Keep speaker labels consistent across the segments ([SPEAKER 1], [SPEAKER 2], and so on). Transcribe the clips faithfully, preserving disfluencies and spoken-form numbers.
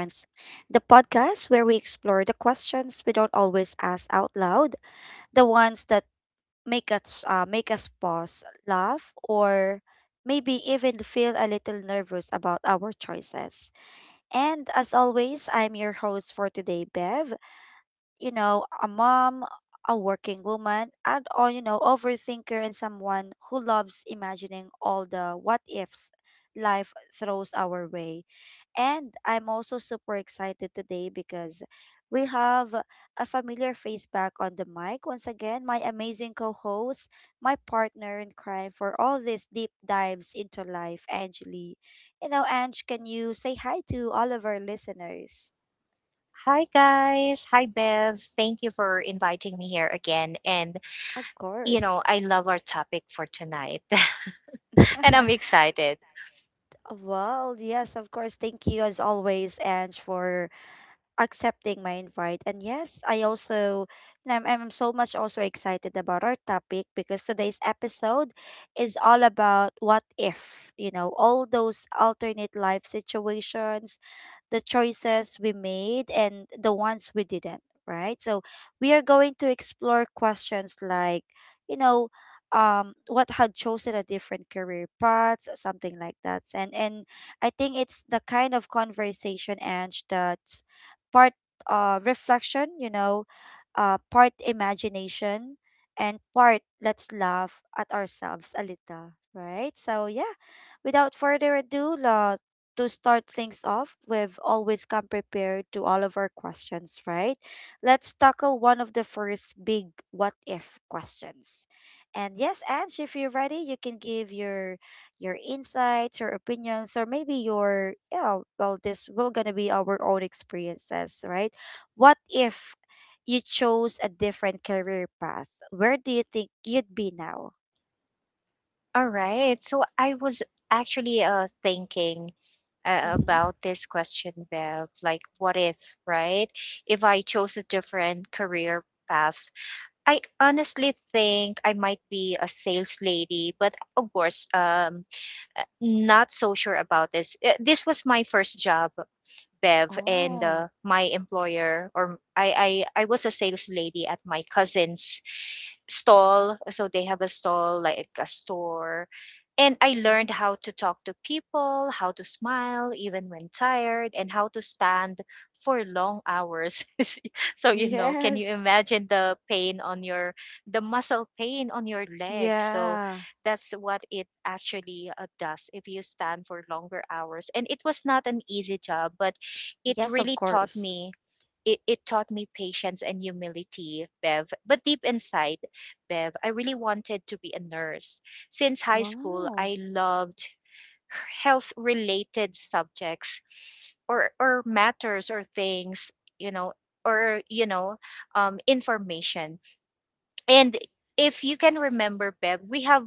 [SPEAKER 1] the podcast where we explore the questions we don't always ask out loud, the ones that make us uh, make us pause, laugh, or maybe even feel a little nervous about our choices. And as always, I'm your host for today, Bev. You know, a mom, a working woman, and or you know, overthinker and someone who loves imagining all the what ifs life throws our way. And I'm also super excited today because we have a familiar face back on the mic once again, my amazing co-host, my partner in crime for all these deep dives into life, Angeli. You know, Ange, can you say hi to all of our listeners?
[SPEAKER 2] Hi guys, hi Bev. Thank you for inviting me here again. And
[SPEAKER 1] Of
[SPEAKER 2] you
[SPEAKER 1] course.
[SPEAKER 2] know, I love our topic for tonight and I'm excited.
[SPEAKER 1] Well, yes, of course. Thank you as always, Ange, for accepting my invite. And yes, I also and I'm, I'm so much also excited about our topic, because today's episode is all about what if, you know, all those alternate life situations, the choices we made and the ones we didn't, right? So we are going to explore questions like, you know, um, what had chosen a different career path, something like that. And and I think it's the kind of conversation, Ange, that part uh, reflection, you know, uh, part imagination, and part let's laugh at ourselves a little, right? So, yeah, without further ado, uh, to start things off, we've always come prepared to all of our questions, right? Let's tackle one of the first big what if questions. And yes, Ange, if you're ready, you can give your your insights, your opinions, or maybe your yeah, well, this will gonna be our own experiences, right? What if you chose a different career path? Where do you think you'd be now?
[SPEAKER 2] All right. So I was actually uh thinking uh,
[SPEAKER 1] Mm-hmm.
[SPEAKER 2] about this question, Bev, like what if, right? If I chose a different career path, I honestly think I might be a sales lady, but of course, um uh, not so sure about this. Uh, This was my first job Bev and
[SPEAKER 1] Oh.
[SPEAKER 2] uh, my employer or I, I I was a sales lady at my cousin's stall. So they have a stall like a store. And I learned
[SPEAKER 1] Mm-hmm.
[SPEAKER 2] how to talk to people, how to smile even when tired, and how to stand for long hours. So you know, can you
[SPEAKER 1] Yes.
[SPEAKER 2] imagine the pain on your the muscle pain on your legs? So
[SPEAKER 1] Yeah.
[SPEAKER 2] that's what it actually uh, does if you stand for longer hours. And it was not an easy job, but it
[SPEAKER 1] Yes, of
[SPEAKER 2] really taught
[SPEAKER 1] course.
[SPEAKER 2] me it, it taught me patience and humility Bev, but deep inside Bev, I really wanted to be a nurse since high school.
[SPEAKER 1] Wow.
[SPEAKER 2] I loved health related subjects or or matters or things, you know or you know um, information. And if you can remember Bev, we have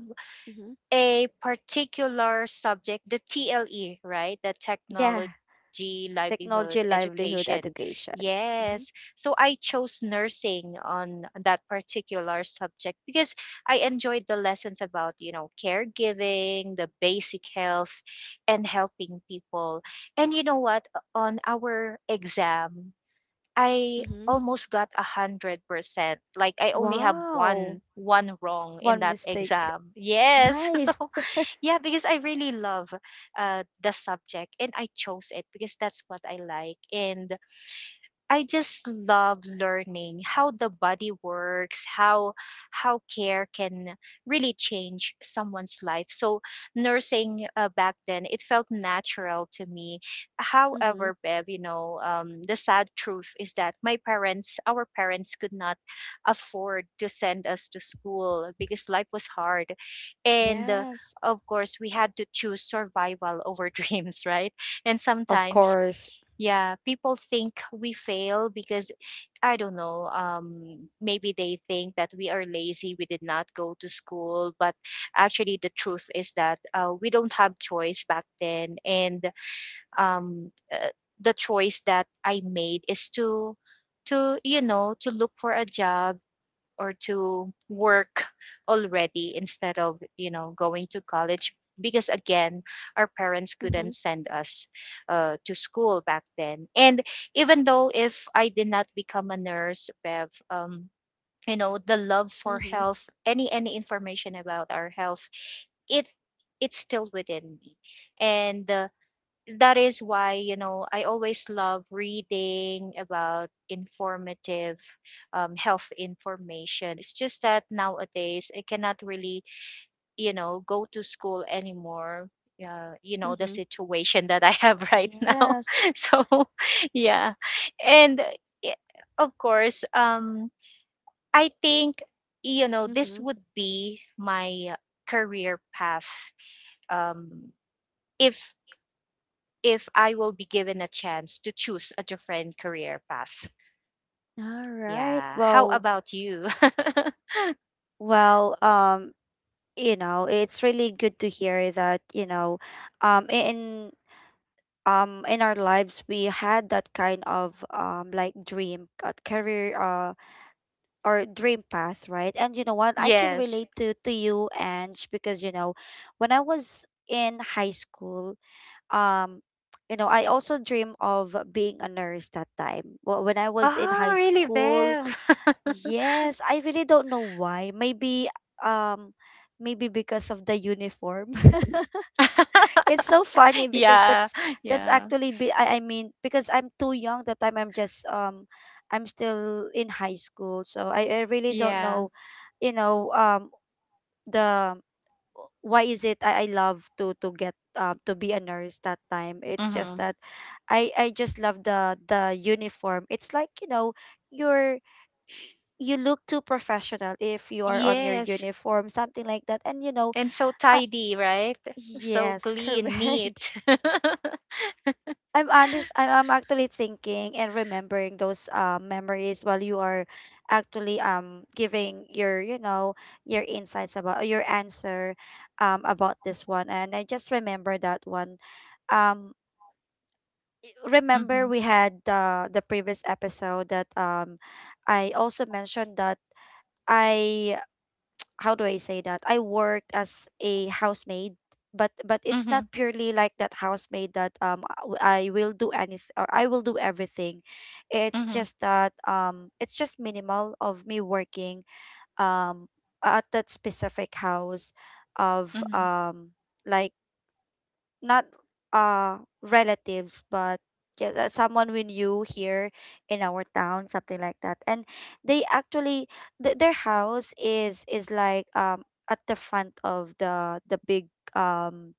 [SPEAKER 1] Mm-hmm.
[SPEAKER 2] a particular subject, the T L E, right? The
[SPEAKER 1] Yeah,
[SPEAKER 2] technology, livelihood,
[SPEAKER 1] technology, livelihood,
[SPEAKER 2] education.
[SPEAKER 1] education. Mm-hmm.
[SPEAKER 2] Yes. So I chose nursing on that particular subject because I enjoyed the lessons about, you know, caregiving, the basic health, and helping people. And you know what? On our exam, I
[SPEAKER 1] Mm-hmm.
[SPEAKER 2] almost got a hundred percent. Like I only have
[SPEAKER 1] Wow.
[SPEAKER 2] one one wrong in
[SPEAKER 1] One
[SPEAKER 2] that
[SPEAKER 1] mistake.
[SPEAKER 2] exam. Yes, so
[SPEAKER 1] Nice.
[SPEAKER 2] yeah, because I really love uh, the subject and I chose it because that's what I like. And I just love learning how the body works, how how care can really change someone's life. So nursing uh, back then, it felt natural to me.
[SPEAKER 1] Mm-hmm.
[SPEAKER 2] However, Bev, you know, um, the sad truth is that my parents, our parents, could not afford to send us to school because life was hard, and uh,
[SPEAKER 1] Yes.
[SPEAKER 2] of course we had to choose survival over dreams, right? And
[SPEAKER 1] Of
[SPEAKER 2] sometimes
[SPEAKER 1] course.
[SPEAKER 2] yeah, people think we fail because I don't know. Um, maybe they think that we are lazy, we did not go to school, but actually, the truth is that uh, we don't have choice back then, and um, uh, the choice that I made is to, to you know, to look for a job or to work already instead of you know going to college because again our parents
[SPEAKER 1] Mm-hmm.
[SPEAKER 2] couldn't send us uh, to school back then. And even though if I did not become a nurse Bev, um, you know, the love for
[SPEAKER 1] Mm-hmm.
[SPEAKER 2] health, any any information about our health, it it's still within me. And uh, that is why you know I always love reading about informative um, health information. It's just that nowadays I cannot really you know go to school anymore, uh, you know, the
[SPEAKER 1] Mm-hmm.
[SPEAKER 2] situation that I have right now.
[SPEAKER 1] Yes.
[SPEAKER 2] So yeah. And uh, of course um I think you know this
[SPEAKER 1] Mm-hmm.
[SPEAKER 2] would be my career path, um if if I will be given a chance to choose a different career path.
[SPEAKER 1] All right.
[SPEAKER 2] Yeah. How
[SPEAKER 1] Well,
[SPEAKER 2] about you?
[SPEAKER 1] well, um, you know, it's really good to hear that, you know, um, i- in um in our lives we had that kind of um like dream uh, career uh or dream path, right? And you know what? I can
[SPEAKER 2] Yes.
[SPEAKER 1] relate to to you, Ange, because you know, when I was in high school, um you know I also dream of being a nurse that time. Wh- when I was in
[SPEAKER 2] Oh,
[SPEAKER 1] high
[SPEAKER 2] really,
[SPEAKER 1] school,
[SPEAKER 2] Bev?
[SPEAKER 1] yes I really don't know why. Maybe um maybe because of the uniform. It's so funny because
[SPEAKER 2] Yeah.
[SPEAKER 1] that's that's
[SPEAKER 2] Yeah.
[SPEAKER 1] actually be I, I mean, because I'm too young that time, i'm just um I'm still in high school, so i, I really don't
[SPEAKER 2] Yeah.
[SPEAKER 1] know, you know um the why is it I, I love to to get um to be a nurse that time. It's just
[SPEAKER 2] Mm-hmm.
[SPEAKER 1] that I I just love the the uniform. It's like, you know, you're you look too professional if you are on your
[SPEAKER 2] Yes.
[SPEAKER 1] uniform, something like that. And you know,
[SPEAKER 2] And so
[SPEAKER 1] uh,
[SPEAKER 2] tidy, right? So
[SPEAKER 1] yes,
[SPEAKER 2] clean,
[SPEAKER 1] correct.
[SPEAKER 2] neat.
[SPEAKER 1] I'm honest. I, I'm actually thinking and remembering those uh, memories while you are actually um giving your you know your insights about uh, your answer um about this one, and I just remember that one. Um, remember
[SPEAKER 2] Mm-hmm.
[SPEAKER 1] we had the the previous episode that um I also mentioned that I, how do I say that? I worked as a housemaid, but but it's
[SPEAKER 2] Mm-hmm.
[SPEAKER 1] not purely like that housemaid that um w- I will do any s- or I will do everything. It's
[SPEAKER 2] Mm-hmm.
[SPEAKER 1] just that um it's just minimal of me working um at that specific house of
[SPEAKER 2] Mm-hmm.
[SPEAKER 1] um like not uh relatives, but yeah, that someone we knew here in our town, something like that. And they actually th- their house is is like um at the front of the the big um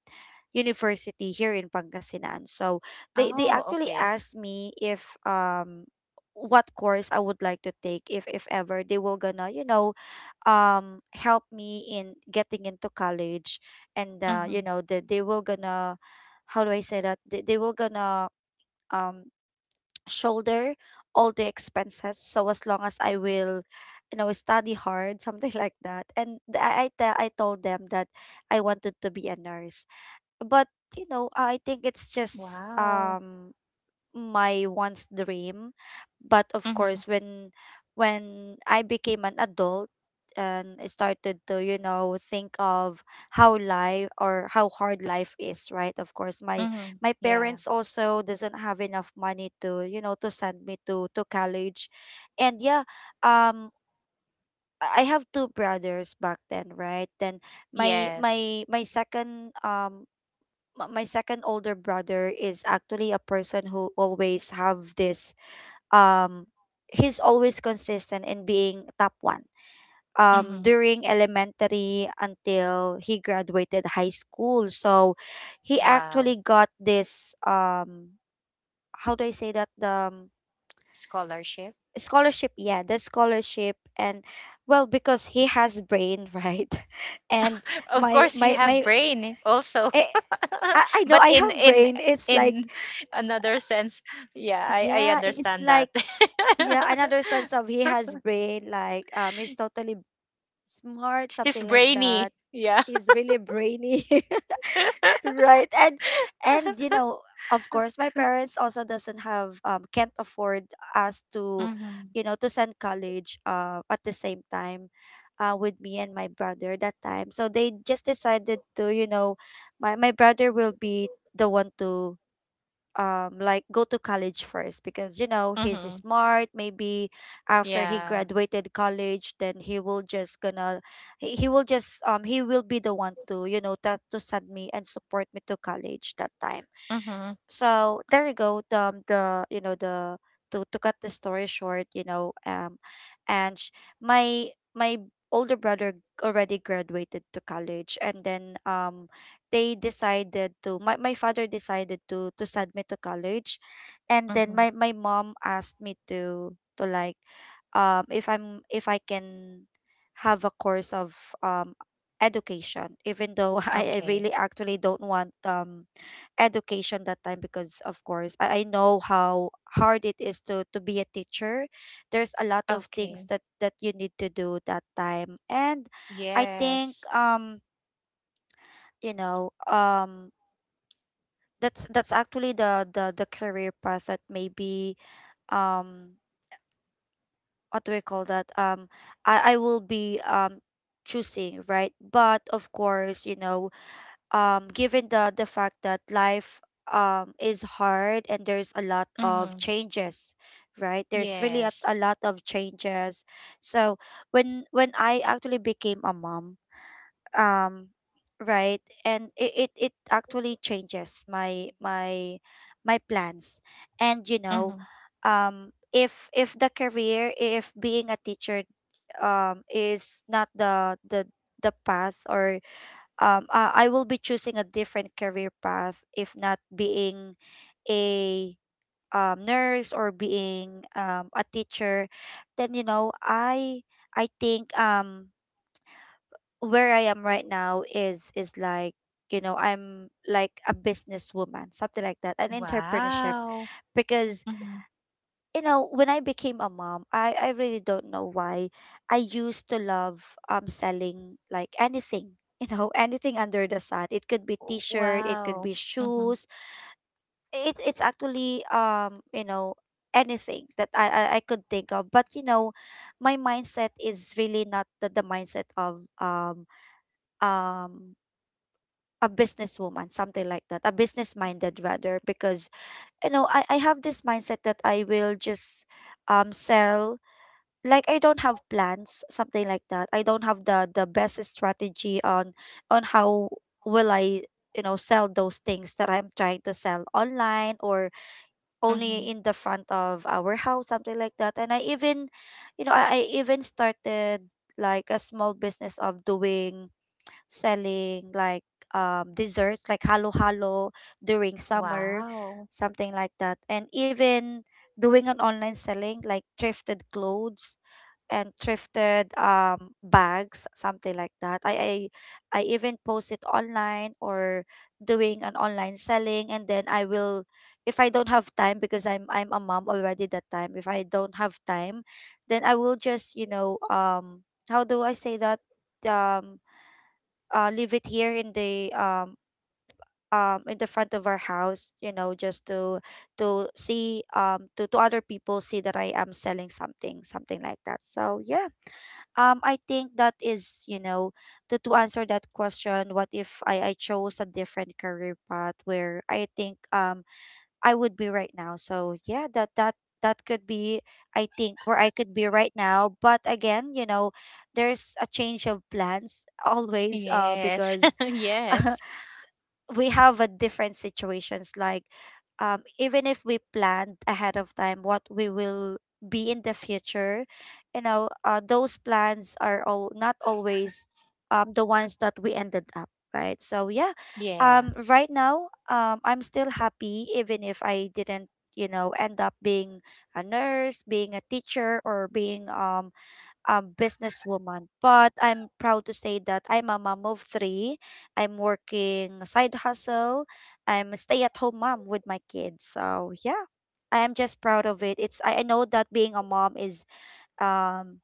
[SPEAKER 1] university here in Pangasinan. So they they
[SPEAKER 2] Oh,
[SPEAKER 1] actually
[SPEAKER 2] okay.
[SPEAKER 1] asked me if um what course I would like to take, if if ever they will gonna you know um help me in getting into college, and uh, you
[SPEAKER 2] Mm-hmm.
[SPEAKER 1] know that they will gonna, how do I say that, they, they will gonna um shoulder all the expenses, so as long as I will you know study hard, something like that. And th- I I, te- I told them that I wanted to be a nurse, but you know I think it's just
[SPEAKER 2] Wow.
[SPEAKER 1] um my once dream. But of
[SPEAKER 2] Mm-hmm.
[SPEAKER 1] course, when when I became an adult and I started to you know think of how life or how hard life is, right? Of course my
[SPEAKER 2] Mm-hmm.
[SPEAKER 1] my
[SPEAKER 2] Yeah.
[SPEAKER 1] parents also doesn't have enough money to you know to send me to to college. And yeah, um i I have two brothers back then, right? Then my
[SPEAKER 2] Yes.
[SPEAKER 1] my my second um m- my second older brother is actually a person who always have this um he's always consistent in being top one um
[SPEAKER 2] Mm-hmm.
[SPEAKER 1] during elementary until he graduated high school. So he
[SPEAKER 2] Wow.
[SPEAKER 1] actually got this um how do I say that, the um,
[SPEAKER 2] Scholarship.
[SPEAKER 1] scholarship, yeah, the scholarship. And well, because he has brain, right? And
[SPEAKER 2] Of
[SPEAKER 1] my
[SPEAKER 2] course, you
[SPEAKER 1] my
[SPEAKER 2] have
[SPEAKER 1] my
[SPEAKER 2] brain also.
[SPEAKER 1] eh, I, I know
[SPEAKER 2] But
[SPEAKER 1] I
[SPEAKER 2] in
[SPEAKER 1] have
[SPEAKER 2] in
[SPEAKER 1] brain, it's like
[SPEAKER 2] in another sense, yeah, I I
[SPEAKER 1] yeah, it's
[SPEAKER 2] understand that.
[SPEAKER 1] like yeah, another sense of he has brain, like um he's totally smart,
[SPEAKER 2] He's
[SPEAKER 1] something like
[SPEAKER 2] brainy.
[SPEAKER 1] that.
[SPEAKER 2] Yeah.
[SPEAKER 1] He's really brainy. Right? and and you know, of course my parents also doesn't have um can't afford us to
[SPEAKER 2] Mm-hmm.
[SPEAKER 1] you know to send college uh at the same time uh with me and my brother that time. So they just decided to you know, my my brother will be the one to um like go to college first, because you know he's
[SPEAKER 2] Mm-hmm.
[SPEAKER 1] smart. Maybe after he
[SPEAKER 2] Yeah.
[SPEAKER 1] graduated college, then he will just gonna, he he will just um he will be the one to you know that to send me and support me to college that time.
[SPEAKER 2] Mm-hmm.
[SPEAKER 1] So there you go, the um, the you know the, to to cut the story short, you know, um and sh- my my older brother already graduated to college. And then um they decided to, my, my father decided to to send me to college. And then
[SPEAKER 2] Mm-hmm.
[SPEAKER 1] my my mom asked me to to like um if I'm if I can have a course of um education, even though I I
[SPEAKER 2] Okay.
[SPEAKER 1] really actually don't want um education that time, because of course I, I know how hard it is to to be a teacher. There's a lot of things
[SPEAKER 2] Okay.
[SPEAKER 1] that that you need to do that time. And I think
[SPEAKER 2] Yes.
[SPEAKER 1] um you know um that's that's actually the the the career path that maybe um what do we call that, um I I will be um choosing, right? But of course you know, um given the the fact that life um is hard and there's a lot of
[SPEAKER 2] Mm-hmm.
[SPEAKER 1] changes, right? There's really a,
[SPEAKER 2] Yes.
[SPEAKER 1] a lot of changes. So when when I actually became a mom, um right, and it, it it actually changes my my my plans. And you know,
[SPEAKER 2] Mm-hmm.
[SPEAKER 1] um if if the career, if being a teacher um is not the the the path, or um uh, I will be choosing a different career path, if not being a um, nurse or being um, a teacher, then you know I I think um where I am right now is is like you know I'm like a businesswoman, something like that, an entrepreneurship.
[SPEAKER 2] Wow.
[SPEAKER 1] Because
[SPEAKER 2] Mm-hmm.
[SPEAKER 1] you know when I became a mom, I I really don't know why. I used to love um selling like anything. You know, anything under the sun. It could be t-shirt, it could
[SPEAKER 2] Wow.
[SPEAKER 1] be
[SPEAKER 2] Mm-hmm.
[SPEAKER 1] shoes. It it's actually um, you know, anything that I, I, I could think of. But you know, my mindset is really not the, the mindset of um um a businesswoman, something like that, a business minded rather. Because you know, I, I have this mindset that I will just um sell, like I don't have plans, something like that. I don't have the the best strategy on on how will I you know sell those things that I'm trying to sell online, or only
[SPEAKER 2] Mm-hmm.
[SPEAKER 1] in the front of our house, something like that. And I even you know, I, I even started like a small business of doing selling like um desserts like halo halo during summer,
[SPEAKER 2] Wow.
[SPEAKER 1] something like that. And even doing an online selling like thrifted clothes and thrifted um bags, something like that. I I, I even post it online or doing an online selling, and then I will, if I don't have time because I'm I'm a mom already that time. If I don't have time, then I will just, you know, um, how do I say that? Um uh Leave it here in the um um in the front of our house, you know, just to to see um to, to other people see that I am selling something, something like that. So yeah, um I think that is, you know, to, to answer that question, what if i i chose a different career path, where I think um I would be right now. So yeah, that that that could be, I think, where I could be right now. But again, you know, there's a change of plans always uh
[SPEAKER 2] Yes.
[SPEAKER 1] because
[SPEAKER 2] Yes.
[SPEAKER 1] we have a different situations. Like um, even if we planned ahead of time what we will be in the future, you know, uh, those plans are all not always um, the ones that we ended up, right? So yeah, um,
[SPEAKER 2] Yeah.
[SPEAKER 1] right now, um, I'm still happy even if I didn't, you know, end up being a nurse, being a teacher, or being um, um, businesswoman. But I'm proud to say that I'm a mom of three. I'm working a side hustle. I'm a stay-at-home mom with my kids. So yeah, I am just proud of it. It's, I I know that being a mom is um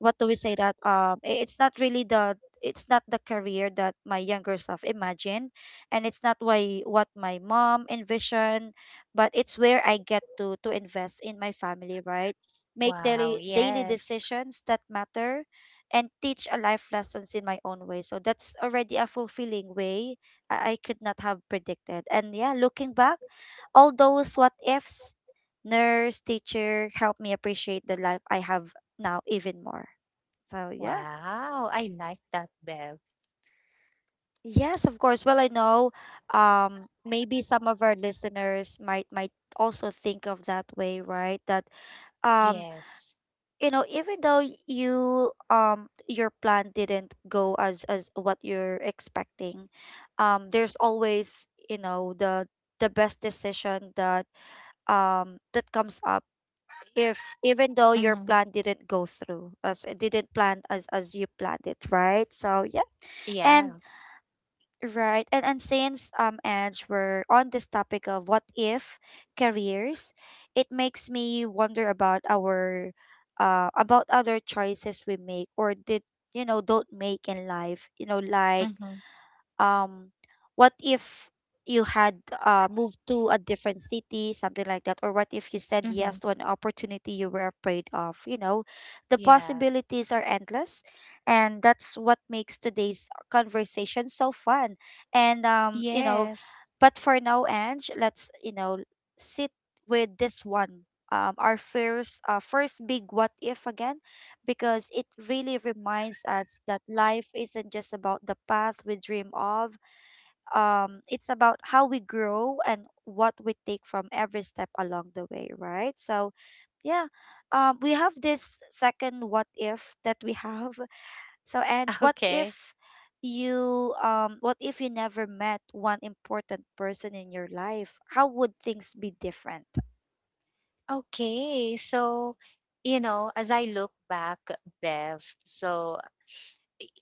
[SPEAKER 1] what do we say that, um i- it's not really the, it's not the career that my younger self imagined, and it's not why what my mom envisioned. But it's where I get to to invest in my family, right? Make
[SPEAKER 2] Wow,
[SPEAKER 1] daily daily
[SPEAKER 2] yes.
[SPEAKER 1] decisions that matter and teach a life lessons in my own way. So that's already a fulfilling way i, I could not have predicted. And yeah, looking back, all those what ifs, nurse, teacher, helped me appreciate the life I have now even more. So yeah.
[SPEAKER 2] Wow, I like that, Bev.
[SPEAKER 1] Yes, of course. Well, I know, um maybe some of our listeners might might also think of that way, right? That um
[SPEAKER 2] Yes.
[SPEAKER 1] you know, even though y- you um your plan didn't go as as what you're expecting, um there's always, you know, the the best decision that um that comes up if even though your
[SPEAKER 2] Mm-hmm.
[SPEAKER 1] plan didn't go through as it didn't plan as as you planned it, right? So yeah.
[SPEAKER 2] Yeah.
[SPEAKER 1] And right. And and since um Edge, we're on this topic of what if careers, it makes me wonder about our uh about other choices we make or did, you know, don't make in life. You know, like
[SPEAKER 2] Mm-hmm.
[SPEAKER 1] um what if you had uh moved to a different city, something like that, or what if you said
[SPEAKER 2] Mm-hmm.
[SPEAKER 1] yes to an opportunity you were afraid of, you know, the
[SPEAKER 2] Yeah.
[SPEAKER 1] possibilities are endless, and that's what makes today's conversation so fun. And um you know,
[SPEAKER 2] Yes.
[SPEAKER 1] but for now, Ange, let's, you know, sit with this one, um our first uh first big what if again, because it really reminds us that life isn't just about the path we dream of. Um, it's about how we grow and what we take from every step along the way, right? So yeah, um, we have this second what if that we have. So, Ange, what
[SPEAKER 2] Okay.
[SPEAKER 1] if you um what if you never met one important person in your life? How would things be different?
[SPEAKER 2] Okay. So, you know, as I look back, Bev, so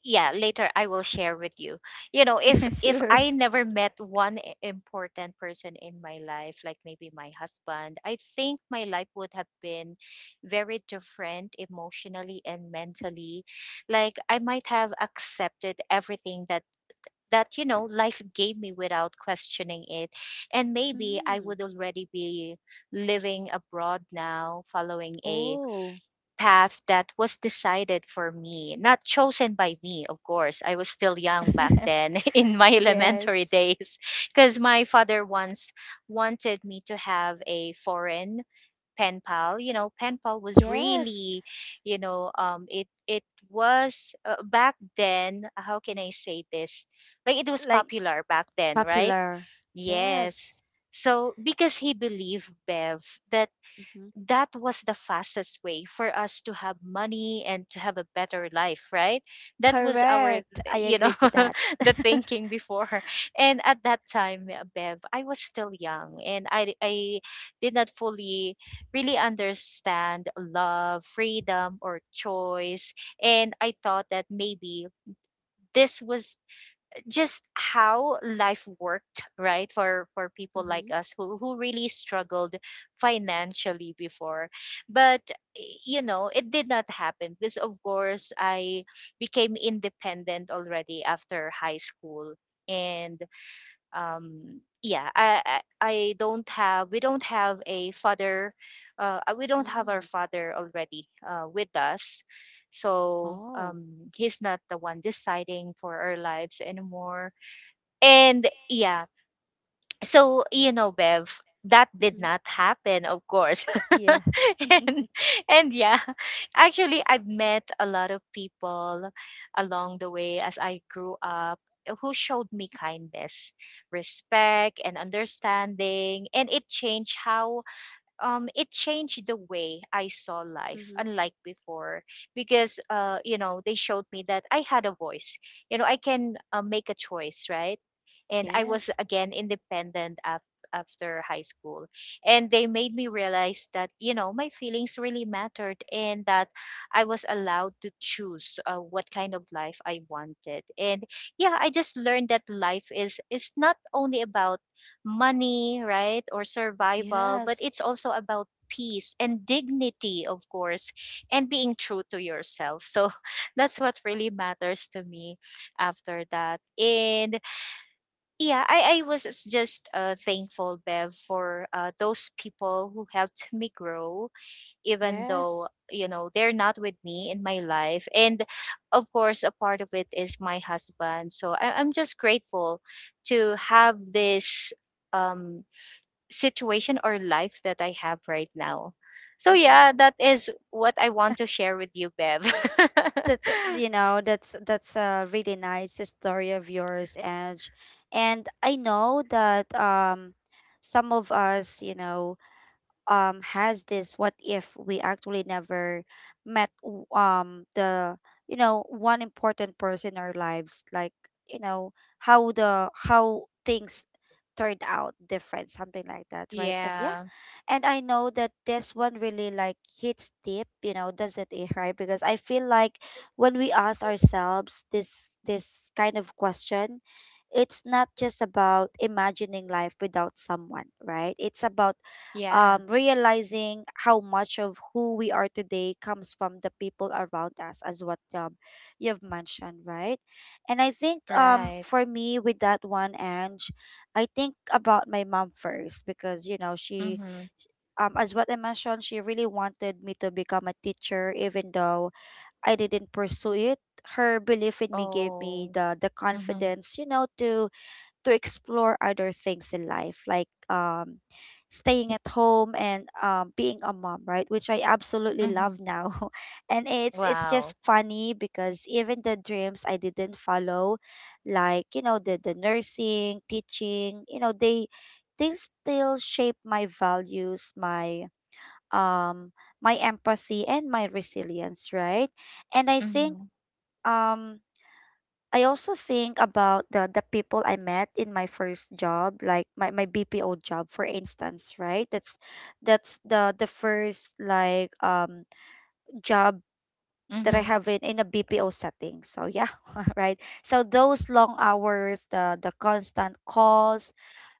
[SPEAKER 2] yeah, later I will share with you you know, if if
[SPEAKER 1] Sure.
[SPEAKER 2] I never met one I- important person in my life, like maybe my husband, I think my life would have been very different emotionally and mentally. Like I might have accepted everything that that you know life gave me without questioning it. And maybe I
[SPEAKER 1] Mm.
[SPEAKER 2] would already be living abroad now, following a
[SPEAKER 1] Oh.
[SPEAKER 2] path that was decided for me, not chosen by me. Of course, I was still young back then in my elementary
[SPEAKER 1] Yes.
[SPEAKER 2] days, because my father once wanted me to have a foreign pen pal. You know, pen pal was
[SPEAKER 1] Yes,
[SPEAKER 2] really, you know, um, it, it was uh, back then, how can I say this? Like it was
[SPEAKER 1] like
[SPEAKER 2] popular back then, right?
[SPEAKER 1] popular.
[SPEAKER 2] Yes.
[SPEAKER 1] Yes.
[SPEAKER 2] So because he believed Bev that
[SPEAKER 1] Hmm.
[SPEAKER 2] that was the fastest way for us to have money and to have a better life, right? That was our eh,
[SPEAKER 1] Correct. I
[SPEAKER 2] you know
[SPEAKER 1] agree to that.
[SPEAKER 2] the thinking before. And at that time eh, Bev, I was still young and i i did not fully really understand love, freedom, or choice. And I thought that maybe this was just how life worked, right, for for people like
[SPEAKER 1] Mm-hmm.
[SPEAKER 2] us who who really struggled financially before. But y- you know it did not happen because of course I became independent already after high school. And um, yeah, i i I don't have, we don't have a father, uh uh, we don't have our
[SPEAKER 1] Mm.
[SPEAKER 2] father already uh with us, so
[SPEAKER 1] Oh.
[SPEAKER 2] um, he's not the one deciding for our lives anymore. And yeah, so you know, Bev, that did
[SPEAKER 1] Mm-hmm.
[SPEAKER 2] not happen, of course.
[SPEAKER 1] Yeah.
[SPEAKER 2] and and yeah, actually, I've met a lot of people along the way as I grew up who showed me kindness, respect, and understanding, and it changed how um, it changed the way I saw life,
[SPEAKER 1] Mm-hmm.
[SPEAKER 2] unlike before, because uh, you know they showed me that I had a voice. You know, I can uh, make a choice, right? And I was
[SPEAKER 1] Yes.
[SPEAKER 2] again independent af- after high school, and they made me realize that you know my feelings really mattered, and that I was allowed to choose uh, what kind of life I wanted. And yeah, I just learned that life is is not only about money, right, or survival, but
[SPEAKER 1] Yes.
[SPEAKER 2] it's also about peace and dignity, of course, and being true to yourself. So that's what really matters to me after that. And yeah, I, I was just uh, thankful, Bev, for uh, those people who helped me grow, even though,
[SPEAKER 1] Yes.
[SPEAKER 2] you know, they're not with me in my life. And of course, a part of it is my husband. So I, I'm just grateful to have this um situation or life that I have right now. So
[SPEAKER 1] Mm-hmm.
[SPEAKER 2] yeah, that is what I want to share with you, Bev.
[SPEAKER 1] That's uh, you know, that's that's a really nice story of yours, Edge. And I know that um some of us, you know, um has this what if we actually never met w- um the, you know, one important person in our lives, like, you know, how the how things turned out different, something like that, right? And yeah,
[SPEAKER 2] Yeah.
[SPEAKER 1] and I know that this one really like hits deep, you know, doesn't it, right? Because I feel like when we ask ourselves this this kind of question, it's not just about imagining life without someone, right? It's about
[SPEAKER 2] Yeah.
[SPEAKER 1] um, realizing how much of who we are today comes from the people around us, as what um, you've mentioned, right? And I think um,
[SPEAKER 2] Right.
[SPEAKER 1] for me, with that one, Ange, I think about my mom first because, you know, she,
[SPEAKER 2] Mm-hmm.
[SPEAKER 1] um, as what I mentioned, she really wanted me to become a teacher, even though I didn't pursue it. Her belief in me gave me
[SPEAKER 2] Oh.
[SPEAKER 1] the the
[SPEAKER 2] Mm-hmm.
[SPEAKER 1] confidence, you know, to to explore other things in life, like um, staying at home and um, being a mom, right? Which I absolutely
[SPEAKER 2] Mm-hmm.
[SPEAKER 1] love now, and it's it's
[SPEAKER 2] Wow.
[SPEAKER 1] just funny because even the dreams I didn't follow, like, you know, the the nursing, teaching, you know, they they still shape my values, my um my empathy and my resilience, right? And I think
[SPEAKER 2] Mm-hmm.
[SPEAKER 1] um I also think about the the people I met in my first job, like my, my B P O job, for instance, right? That's that's the the first like um job that I
[SPEAKER 2] Mm-hmm.
[SPEAKER 1] have in, in a B P O setting. So yeah, right. So those long hours, the the constant calls,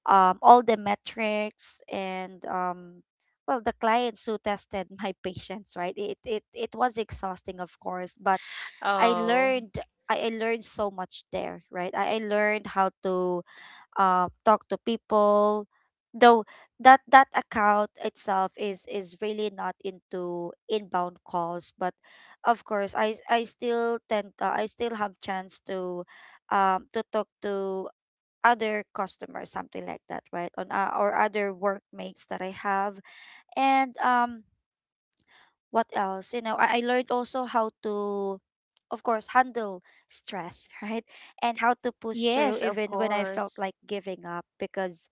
[SPEAKER 1] um, all the metrics, and um, well the clients who tested my patience, right? it, it it was exhausting, of course, but I
[SPEAKER 2] Oh.
[SPEAKER 1] learned, I, I learned so much there, right? I, I learned how to um talk to people. Though that that account itself is is really not into inbound calls, but of course I I still tend uh, I still have chance to um to talk to other customers, something like that, right? On uh, or other workmates that I have, and um, what else? You know, I, I learned also how to, of course, handle stress, right? And how to push through
[SPEAKER 2] Yes, of
[SPEAKER 1] even when I felt
[SPEAKER 2] course.
[SPEAKER 1] like giving up because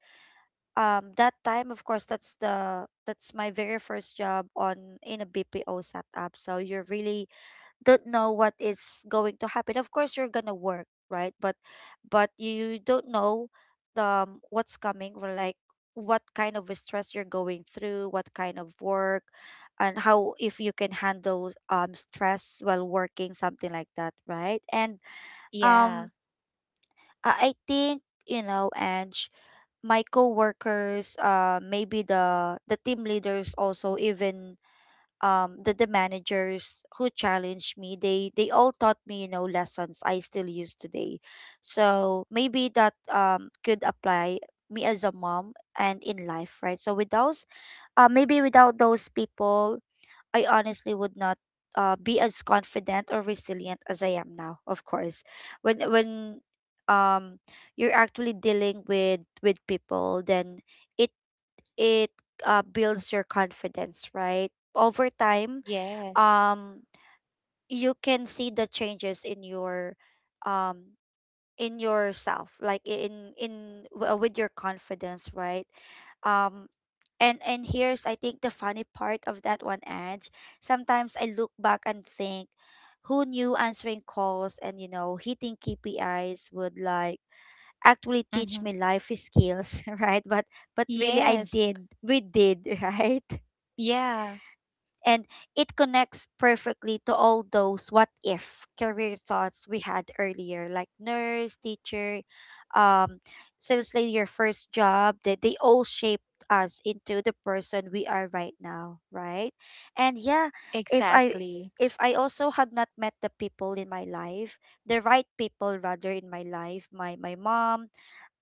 [SPEAKER 1] um that time, of course, that's the, that's my very first job on in a B P O setup, so you're really don't know what is going to happen. Of course, you're gonna work, right? But but you don't know the um, what's coming or like what kind of a stress you're going through, what kind of work, and how if you can handle um stress while working, something like that, right? And
[SPEAKER 2] Yeah.
[SPEAKER 1] um, I I think, you know, and my coworkers, uh, maybe the the team leaders also, even um the, the managers who challenged me, they they all taught me, you know, lessons I still use today. So maybe that um could apply me as a mom and in life, right? So with those, uh, maybe without those people, I honestly would not uh, be as confident or resilient as I am now, of course. When when um you're actually dealing with with people, then it it uh, builds your confidence, right, over time.
[SPEAKER 2] Yes.
[SPEAKER 1] um you can see the changes in your um in yourself like, i- in in w- uh, with your confidence, right? um and and here's, I think, the funny part of that one, Edge. Sometimes I look back and think, who knew answering calls and, you know, hitting K P Is would like actually
[SPEAKER 2] Mm-hmm.
[SPEAKER 1] teach me life skills? Right? but but really I
[SPEAKER 2] Yes.
[SPEAKER 1] did, we did. Right.
[SPEAKER 2] Yeah.
[SPEAKER 1] And it connects perfectly to all those what if career thoughts we had earlier, like nurse, teacher, um sales lady, your first job, that they all shaped us into the person we are right now, right? And yeah, if i
[SPEAKER 2] Exactly.
[SPEAKER 1] if I also had not met the people in my life, the right people rather in my life, my my mom,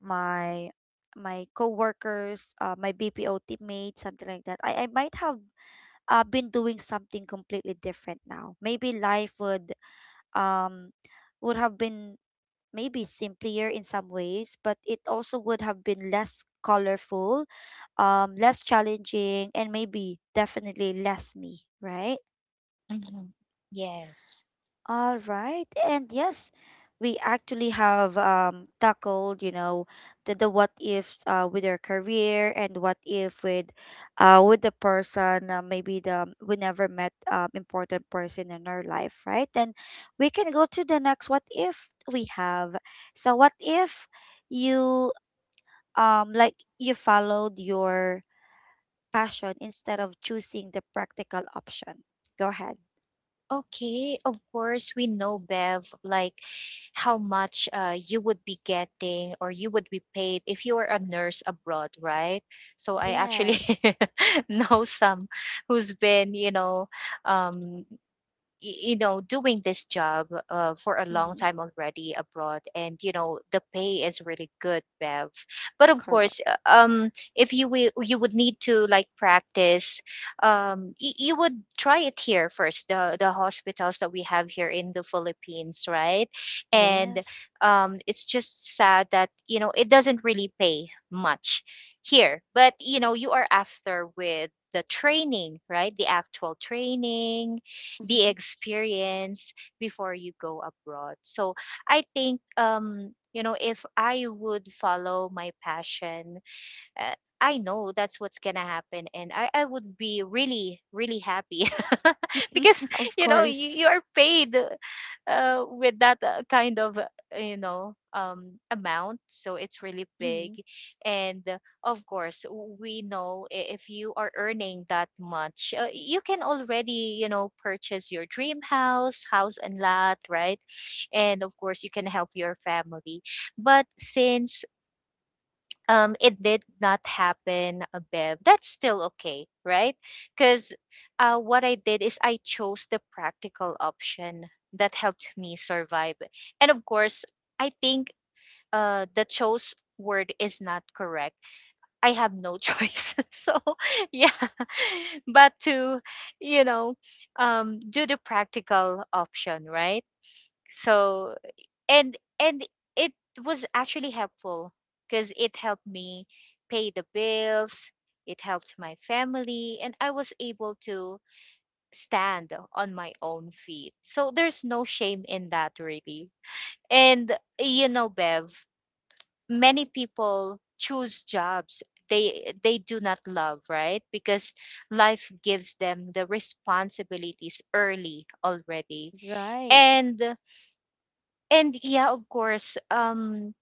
[SPEAKER 1] my my coworkers, uh, my B P O teammates, something like that. I, I might have, I've been doing something completely different now. Maybe life would um would have been maybe simpler in some ways, but it also would have been less colorful, um, less challenging, and maybe definitely less me, right?
[SPEAKER 2] Mm-hmm. Yes.
[SPEAKER 1] All right. And yes, we actually have um tackled, you know, the, the what ifs uh with our career, and what if with uh with the person, uh, maybe the we never met um important person in our life, right? Then we can go to the next what if we have. So what if you um like you followed your passion instead of choosing the practical option? Go ahead.
[SPEAKER 2] Okay, of course, we know, Bev, like how much uh, you would be getting or you would be paid if you are a nurse abroad, right? So I actually
[SPEAKER 1] Yes.
[SPEAKER 2] know some who's been, you know, um, you know doing this job uh, for a long
[SPEAKER 1] Mm-hmm.
[SPEAKER 2] time already abroad, and you know the pay is really good Bev. But of course uh, um if you will, you would need to like practice, um y- you would try it here first, the the hospitals that we have here in the Philippines, right? and
[SPEAKER 1] Yes.
[SPEAKER 2] um it's just sad that you know it doesn't really pay much here, but you know you are after with the training, right, the actual training, the
[SPEAKER 1] Mm-hmm.
[SPEAKER 2] experience before you go abroad. So I think um you know if I would follow my passion, uh, I know that's what's gonna happen, and I, I would be really really happy because
[SPEAKER 1] Of
[SPEAKER 2] you know you,
[SPEAKER 1] course.
[SPEAKER 2] you are paid uh, with that uh, kind of uh, you know um, amount, so it's really big,
[SPEAKER 1] Mm-hmm.
[SPEAKER 2] and uh, of course we know i- if you are earning that much, uh, you can already you know purchase your dream house, house and lot, right? And of course you can help your family, but since um, it did not happen, uh, Bev, that's still okay, right? Because uh, what I did is I chose the practical option that helped me survive. And of course, I think uh, the chose word is not correct. I have no choice. So, yeah, but to, you know, um, do the practical option, right? So, and and it was actually helpful because it helped me pay the bills, it helped my family, and I was able to stand on my own feet. So there's no shame in that really. And you know Bev, many people choose jobs they they do not love, right, because life gives them the responsibilities early already.
[SPEAKER 1] Right.
[SPEAKER 2] And and yeah, of course um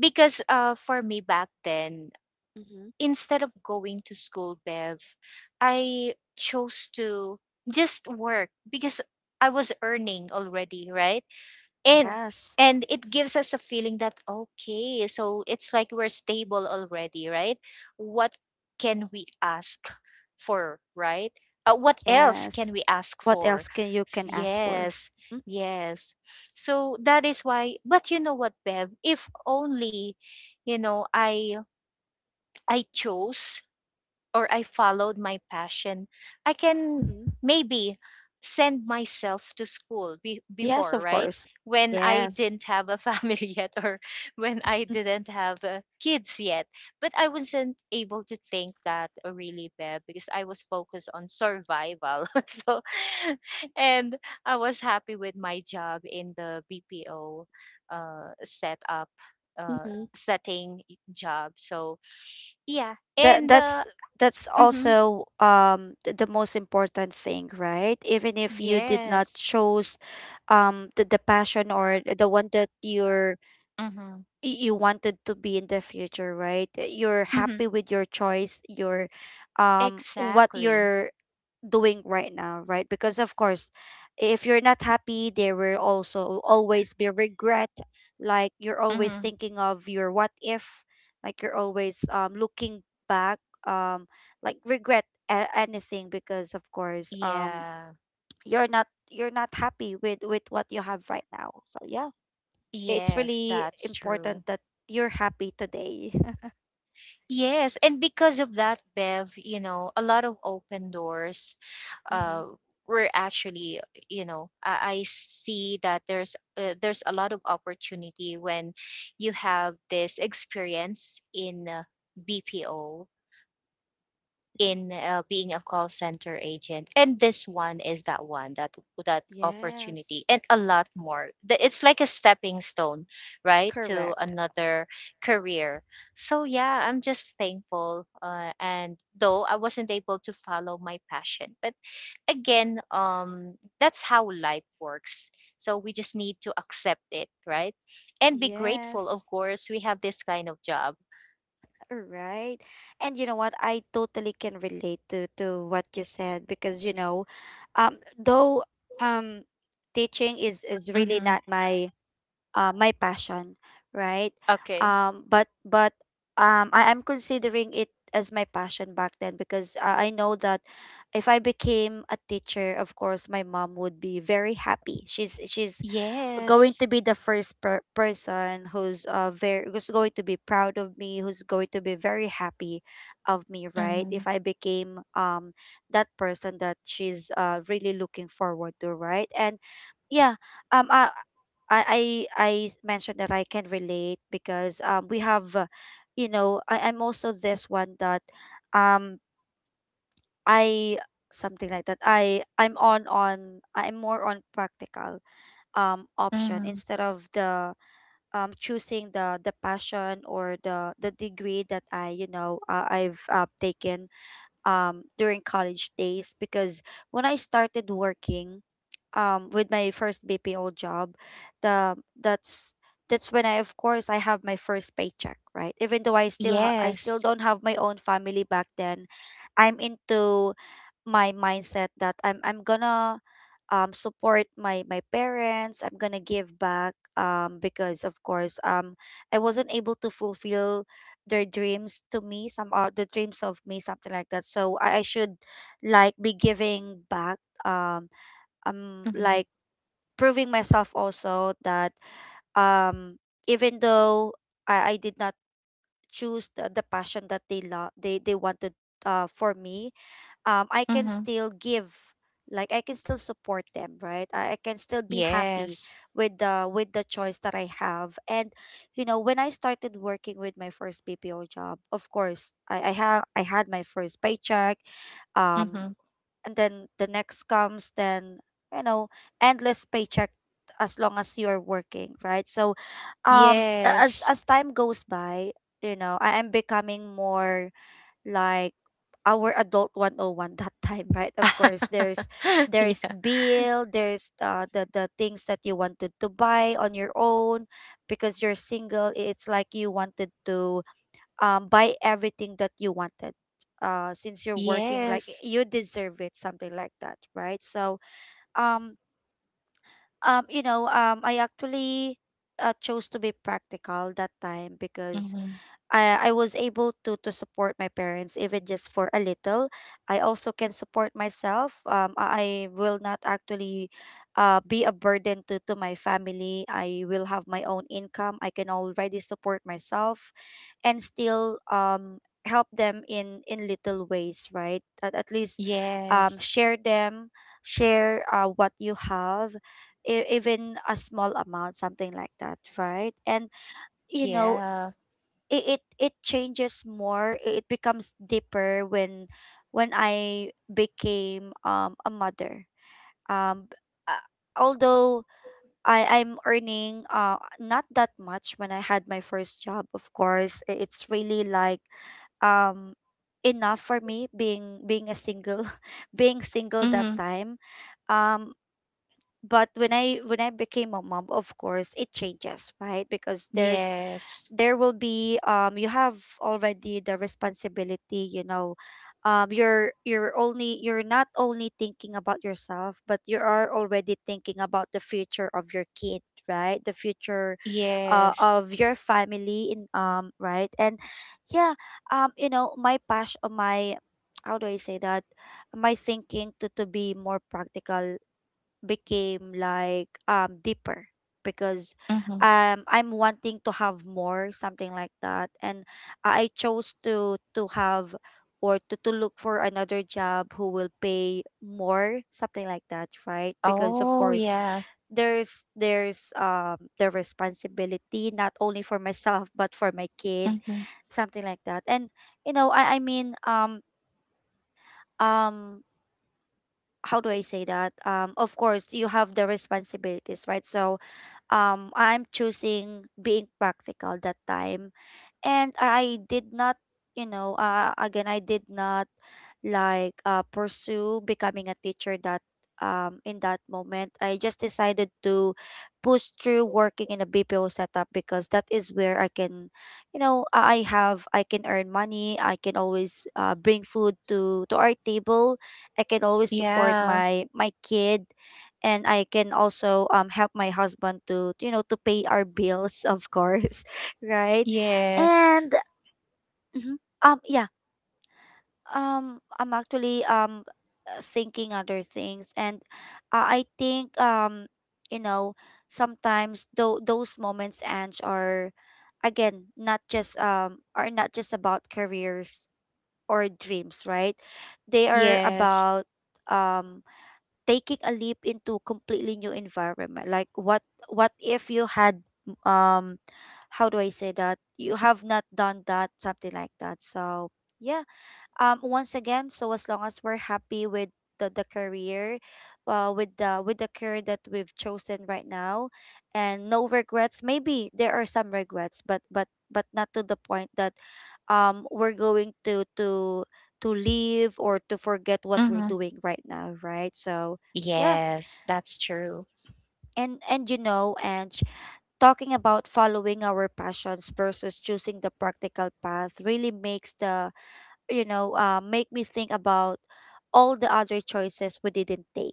[SPEAKER 2] because uh, for me back then,
[SPEAKER 1] Mm-hmm.
[SPEAKER 2] instead of going to school, Bev, I chose to just work because I was earning already, right? and
[SPEAKER 1] Yes.
[SPEAKER 2] and it gives us a feeling that, okay, so it's like we're stable already, right? What can we ask for, right? Uh, what else can
[SPEAKER 1] Yes.
[SPEAKER 2] we ask
[SPEAKER 1] What
[SPEAKER 2] for?
[SPEAKER 1] else can you
[SPEAKER 2] S-
[SPEAKER 1] can ask for?
[SPEAKER 2] yes. Yes, so that is why. But you know what, Bev, if only, you know i i chose or I followed my passion, I can
[SPEAKER 1] Mm-hmm.
[SPEAKER 2] maybe send myself to school be-
[SPEAKER 1] Yes,
[SPEAKER 2] before,
[SPEAKER 1] of
[SPEAKER 2] right?
[SPEAKER 1] course.
[SPEAKER 2] When I
[SPEAKER 1] Yes.
[SPEAKER 2] didn't have a family yet, or when I didn't have uh, kids yet. But I wasn't able to think that uh, really bad because I was focused on survival. So, and I was happy with my job in the B P O uh, setup, uh,
[SPEAKER 1] Mm-hmm.
[SPEAKER 2] setting job. So, yeah.
[SPEAKER 1] That
[SPEAKER 2] And uh,
[SPEAKER 1] that's that's
[SPEAKER 2] mhm.
[SPEAKER 1] also um th- the most important thing, right? Even if you did not
[SPEAKER 2] Yes.
[SPEAKER 1] choose um the, the passion or the one that you're
[SPEAKER 2] Mm-hmm.
[SPEAKER 1] y- you wanted to be in the future, right? Uh, You're
[SPEAKER 2] Mm-hmm.
[SPEAKER 1] happy with your choice, your um what
[SPEAKER 2] Exactly.
[SPEAKER 1] you're doing right now, right? Because of course, if you're not happy, there will also always be regret. Like you're always
[SPEAKER 2] Mm-hmm.
[SPEAKER 1] thinking of your what if, like you're always um looking back, um like regret a- anything, because of course um
[SPEAKER 2] Yeah.
[SPEAKER 1] you're not, you're not happy with with what you have right now. So yeah, it's
[SPEAKER 2] Yes,
[SPEAKER 1] really
[SPEAKER 2] that's
[SPEAKER 1] important
[SPEAKER 2] true.
[SPEAKER 1] that you're happy today.
[SPEAKER 2] Yes, and because of that, Bev, you know, a lot of open doors
[SPEAKER 1] Hmm.
[SPEAKER 2] uh were actually, you know, I, I see that there's uh, there's a lot of opportunity when you have this experience in uh, B P O in uh, being a call center agent, and this one is that one that that
[SPEAKER 1] Yes,
[SPEAKER 2] opportunity and a lot more. The- it's like a stepping stone, right, to
[SPEAKER 1] correct.
[SPEAKER 2] another career. So yeah, I'm just thankful, uh, and though I wasn't able to follow my passion, but again, um that's how life works, so we just need to accept it, right, and be grateful, of
[SPEAKER 1] Yes,
[SPEAKER 2] course, we have this kind of job.
[SPEAKER 1] right. And you know what? I totally can relate to to what you said because, you know, um, though um, teaching is is really
[SPEAKER 2] Hmm.
[SPEAKER 1] not my uh, my passion, right?
[SPEAKER 2] Okay.
[SPEAKER 1] Um, but but um, I am considering it as my passion back then because uh, I know that if I became a teacher, of course, my mom would be very happy. She's she's going
[SPEAKER 2] Yes.
[SPEAKER 1] to be the first per- person who's uh very who's going to be proud of me, who's going to be very happy of me, right?
[SPEAKER 2] Hmm.
[SPEAKER 1] If I became um that person that she's uh really looking forward to, right? And yeah um i i i, I mentioned that I can relate because um we have uh, you know, I, I'm also this one that um I something like that. I i'm on on I'm more on practical um option
[SPEAKER 2] Mhm.
[SPEAKER 1] instead of the um choosing the the passion or the the degree that I, you know, uh, I've uh, taken um, during college days. Because when I started working um, with my first B P O job, the that's that's when, I of course, I have my first paycheck, right? Even though I still ha- I still
[SPEAKER 2] Yes.
[SPEAKER 1] don't have my own family back then, I'm into my mindset that I'm I'm gonna um, support my my parents. I'm gonna give back, um, because of course, um, I wasn't able to fulfill their dreams to me, some are the dreams of me, something like that. So I, I should like be giving back, um um
[SPEAKER 2] Mhm.
[SPEAKER 1] like proving myself also that um even though I, I did not choose the, the passion that they love they they wanted uh for me. um I can
[SPEAKER 2] Mhm.
[SPEAKER 1] still give, like I can still support them, right? I, I can still be happy
[SPEAKER 2] Yes.
[SPEAKER 1] with the with the choice that I have. And you know, when I started working with my first B P O job, of course I, I have I had my first paycheck, um
[SPEAKER 2] Mhm.
[SPEAKER 1] and then the next comes. Then, you know, endless paycheck as long as you're working, right? So um a- as
[SPEAKER 2] Yes.
[SPEAKER 1] as time goes by, you know, I am becoming more like our adult one oh one that time. Right, of course there's there's
[SPEAKER 2] Yeah.
[SPEAKER 1] bill, there's uh, the the things that you wanted to buy on your own because you're single. It's like you wanted to um, buy everything that you wanted uh, since you're working, like
[SPEAKER 2] Yes.
[SPEAKER 1] you deserve it, something like that, right? So um um you know, um I actually uh, chose to be practical that time, because
[SPEAKER 2] Mm-hmm.
[SPEAKER 1] I, I was able to to support my parents, even just for a little. I also can support myself. Um, I I will not actually uh, be a burden to, to my family. I will have my own income. I can already support myself and still um, help them in, in little ways, right? At, at least um,
[SPEAKER 2] Yes.
[SPEAKER 1] share them, share uh, what you have, e- even a small amount, something like that, right? And you know,
[SPEAKER 2] Yeah.
[SPEAKER 1] it it, it changes more, i- it becomes deeper when when I became um a mother. um b- uh, Although i i'm earning uh not that much when I had my first job, of course i- it's really like um enough for me, being being a single, being single that
[SPEAKER 2] Mm-hmm.
[SPEAKER 1] time. um but when i when I became a mom, of course it changes, right? Because there's
[SPEAKER 2] Yes.
[SPEAKER 1] there will be um you have already the responsibility, you know. Um you're you're only you're not only thinking about yourself, but you are already thinking about the future of your kid, right? The future uh,
[SPEAKER 2] Yes.
[SPEAKER 1] of your family in um right? And yeah um you know, my passion, my how do I say that, my thinking to to be more practical became like um deeper because
[SPEAKER 2] Mm-hmm.
[SPEAKER 1] um I'm wanting to have more, something like that. And I I chose to to have or to, to look for another job who will pay more, something like that, right? Because of
[SPEAKER 2] Oh,
[SPEAKER 1] course
[SPEAKER 2] yeah.
[SPEAKER 1] there's there's um the responsibility not only for myself, but for my kid,
[SPEAKER 2] Mm-hmm.
[SPEAKER 1] something like that. And you know, I I mean um um how do I say that? Um, of course, you have the responsibilities, right? So, um I'm choosing being practical that time. And I did not, you know, uh, again, I did not like uh, pursue becoming a teacher that um in that moment. I just decided to push through working in a B P O setup, because that is where I can, you know, I I have I can earn money. I can always uh, bring food to to our table. I can always support
[SPEAKER 2] Yeah.
[SPEAKER 1] my my kid, and I can also um help my husband to, you know, to pay our bills, of course. Right?
[SPEAKER 2] Yes.
[SPEAKER 1] And mhm, um yeah, um I'm actually um thinking other things. And uh, I think, um you know, sometimes though those moments and are again not just um are not just about careers or dreams, right? They are
[SPEAKER 2] Yes.
[SPEAKER 1] about um taking a leap into completely new environment. Like what what if you had um how do I say that, you have not done that, something like that. So yeah um once again, so as long as we're happy with the, the career uh, with the with the career that we've chosen right now, and no regrets. Maybe there are some regrets, but but but not to the point that um we're going to to to leave or to forget what we're
[SPEAKER 2] Mm-hmm.
[SPEAKER 1] doing right now, right? So yeah.
[SPEAKER 2] Yes, that's true.
[SPEAKER 1] And and you know, and talking about following our passions versus choosing the practical path really makes the, you know, uh, make me think about all the other choices we didn't take,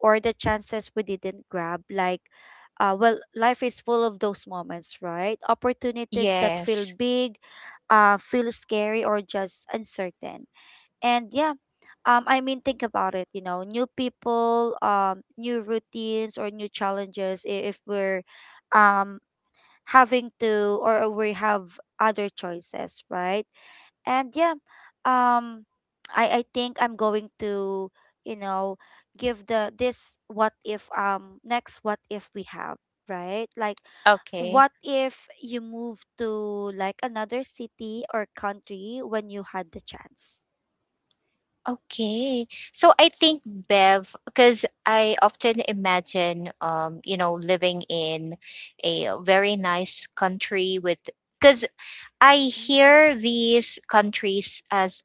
[SPEAKER 1] or the chances we didn't grab. Like, uh, well, life is full of those moments, right? Opportunities that feel
[SPEAKER 2] Yes.
[SPEAKER 1] big, uh, feel scary, or just uncertain. And yeah, um, I mean, think about it. You know, new people, um, new routines, or new challenges. i- If we're, um, having to, or we have other choices, right? And yeah, um I I think I'm going to, you know, give the this what if, um next what if we have, right? Like
[SPEAKER 2] Okay.
[SPEAKER 1] what if you move to like another city or country when you had the chance?
[SPEAKER 2] Okay. So I think, Bev, because I often imagine, um, you know, living in a very nice country with, because I
[SPEAKER 1] Mm.
[SPEAKER 2] hear these countries as,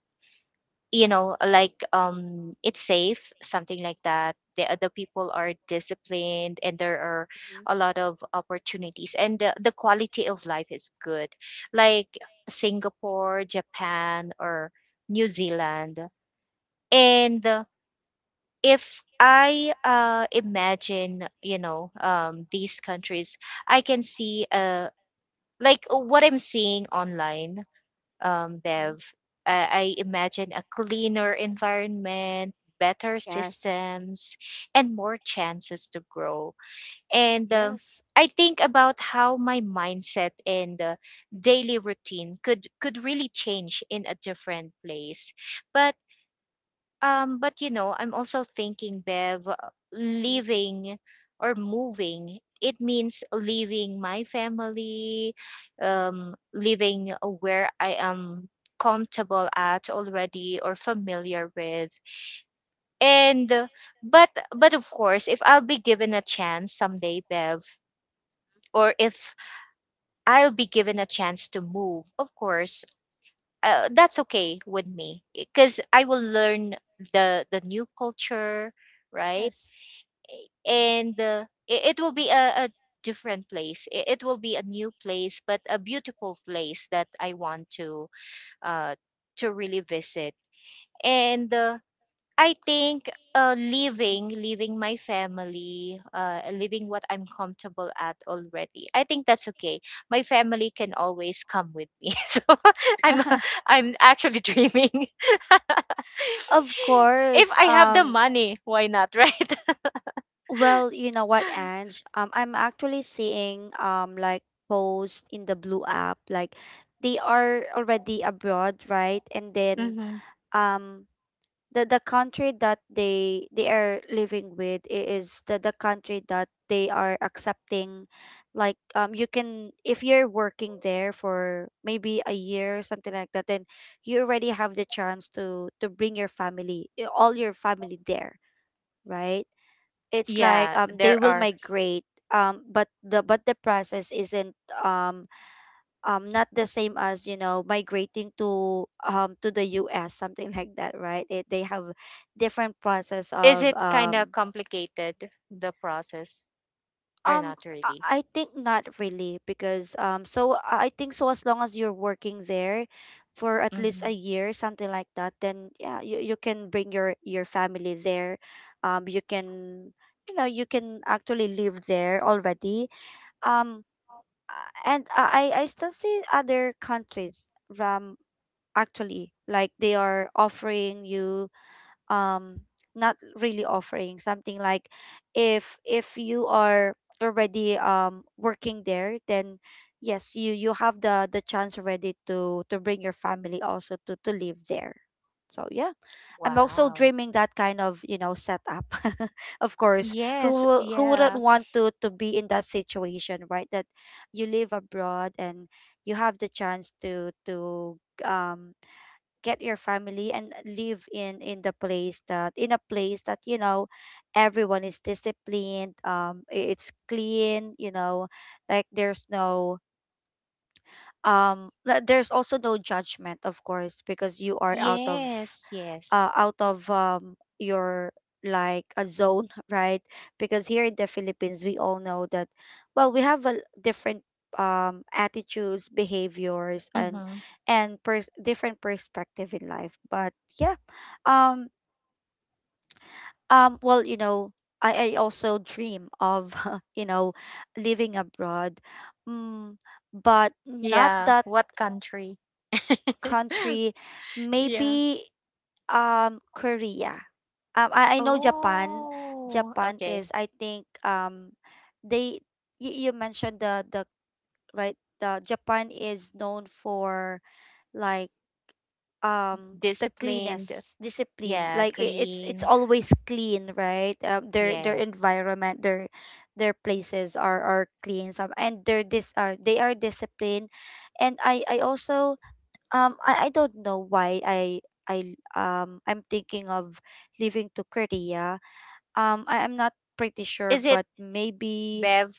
[SPEAKER 2] you know, like, um, it's safe, something like that. The other people are disciplined, and there are a lot of opportunities, and the, the quality of life is good, like Singapore, Japan, or New Zealand. And if I uh, imagine, you know, um, these countries, I can see uh, like uh, what I'm seeing online, um,
[SPEAKER 1] Mm-hmm.
[SPEAKER 2] Bev. Uh, I imagine a cleaner environment, better
[SPEAKER 1] Yes.
[SPEAKER 2] systems, and more chances to grow. And um,
[SPEAKER 1] Yes.
[SPEAKER 2] I think about how my mindset and uh, daily routine could could really change in a different place. But um, but you know, I'm also thinking, Bev, uh,
[SPEAKER 1] Mm-hmm.
[SPEAKER 2] leaving or moving, it means leaving my family, um, leaving where I am comfortable at already or familiar with. And uh, but but of course, if I'll be given a chance someday, Bev, or if I'll be given a chance to move, of course, uh, that's okay with me because I will learn the the new culture, right?
[SPEAKER 1] Yes.
[SPEAKER 2] And uh, it, it will be a, a different place, it, it will be a new place, but a beautiful place that I want to uh, to really visit. And uh, I think uh, leaving
[SPEAKER 1] Mm-hmm.
[SPEAKER 2] leaving my family, uh, leaving what I'm comfortable at already, I think that's okay. My family can always come with me. So i'm i'm actually dreaming.
[SPEAKER 1] Of
[SPEAKER 2] If
[SPEAKER 1] course.
[SPEAKER 2] I have the
[SPEAKER 1] um
[SPEAKER 2] money, why not, right?
[SPEAKER 1] Well, you know what, Ange? Um, I'm actually seeing um like posts in the blue app, like they are already abroad, right? And then
[SPEAKER 2] Mhm.
[SPEAKER 1] um the the country that they they are living with, i- is the the country that they are accepting. Like um you can, if you're working there for maybe a year or something like that, then you already have the chance to to bring your family, i- all your family there, right? It's like
[SPEAKER 2] Yeah,
[SPEAKER 1] um they
[SPEAKER 2] there
[SPEAKER 1] will
[SPEAKER 2] are.
[SPEAKER 1] migrate, um but the but the process isn't um um not the same as, you know, migrating to um to the U S, something like that, right? It, they have different process
[SPEAKER 2] Is
[SPEAKER 1] of
[SPEAKER 2] it kind of
[SPEAKER 1] um
[SPEAKER 2] complicated, the process, or
[SPEAKER 1] um
[SPEAKER 2] not really?
[SPEAKER 1] I I think not really, because um so I I think, so as long as you're working there for at least a
[SPEAKER 2] Hmm.
[SPEAKER 1] year, something like that, then yeah, you, you can bring your your family there. Um you can, you know, you can actually live there already. Um, and I I I still see other countries, um, actually, like they are offering you um not really offering, something like, if if you are already um working there, then yes, you you have the the chance already to to bring your family also to to live there. So yeah, I'm also
[SPEAKER 2] Wow.
[SPEAKER 1] dreaming that kind of, you know, setup. Of course, who
[SPEAKER 2] Yes,
[SPEAKER 1] wo- who wouldn't
[SPEAKER 2] yeah.
[SPEAKER 1] want to to be in that situation, right? That you live abroad and you have the chance to to um get your family and live in in the place that in a place that, you know, everyone is disciplined, um i- it's clean, you know, like there's no um like, there's also no judgment, of course, because you are out of
[SPEAKER 2] Yes,
[SPEAKER 1] uh,
[SPEAKER 2] yes.
[SPEAKER 1] out of um, your like a zone, right? Because here in the Philippines, we all know that, well, we have a l- different um, attitudes, behaviors, and
[SPEAKER 2] Mm-hmm.
[SPEAKER 1] and pers- different perspective in life. But yeah, um, um, well, you know, I, I also dream of you know living abroad, mm, but not
[SPEAKER 2] Yeah,
[SPEAKER 1] that
[SPEAKER 2] what country?
[SPEAKER 1] country.
[SPEAKER 2] Yeah.
[SPEAKER 1] Maybe Um, Korea. Um, I, I know Japan.
[SPEAKER 2] Oh,
[SPEAKER 1] Japan
[SPEAKER 2] okay.
[SPEAKER 1] is, I think, um, they you, you mentioned the the right the Japan is known for like um the
[SPEAKER 2] Disciplined.
[SPEAKER 1] cleanest discipline.
[SPEAKER 2] Yeah,
[SPEAKER 1] Like I it's it's
[SPEAKER 2] clean.
[SPEAKER 1] always clean, right? Um, their their
[SPEAKER 2] Yes.
[SPEAKER 1] environment, their their places are are clean. Some and they're this are they are disciplined, and I I also um I, I don't know why I I um I'm thinking of leaving to Korea. Um I am not pretty sure,
[SPEAKER 2] Is it
[SPEAKER 1] but maybe
[SPEAKER 2] Bev?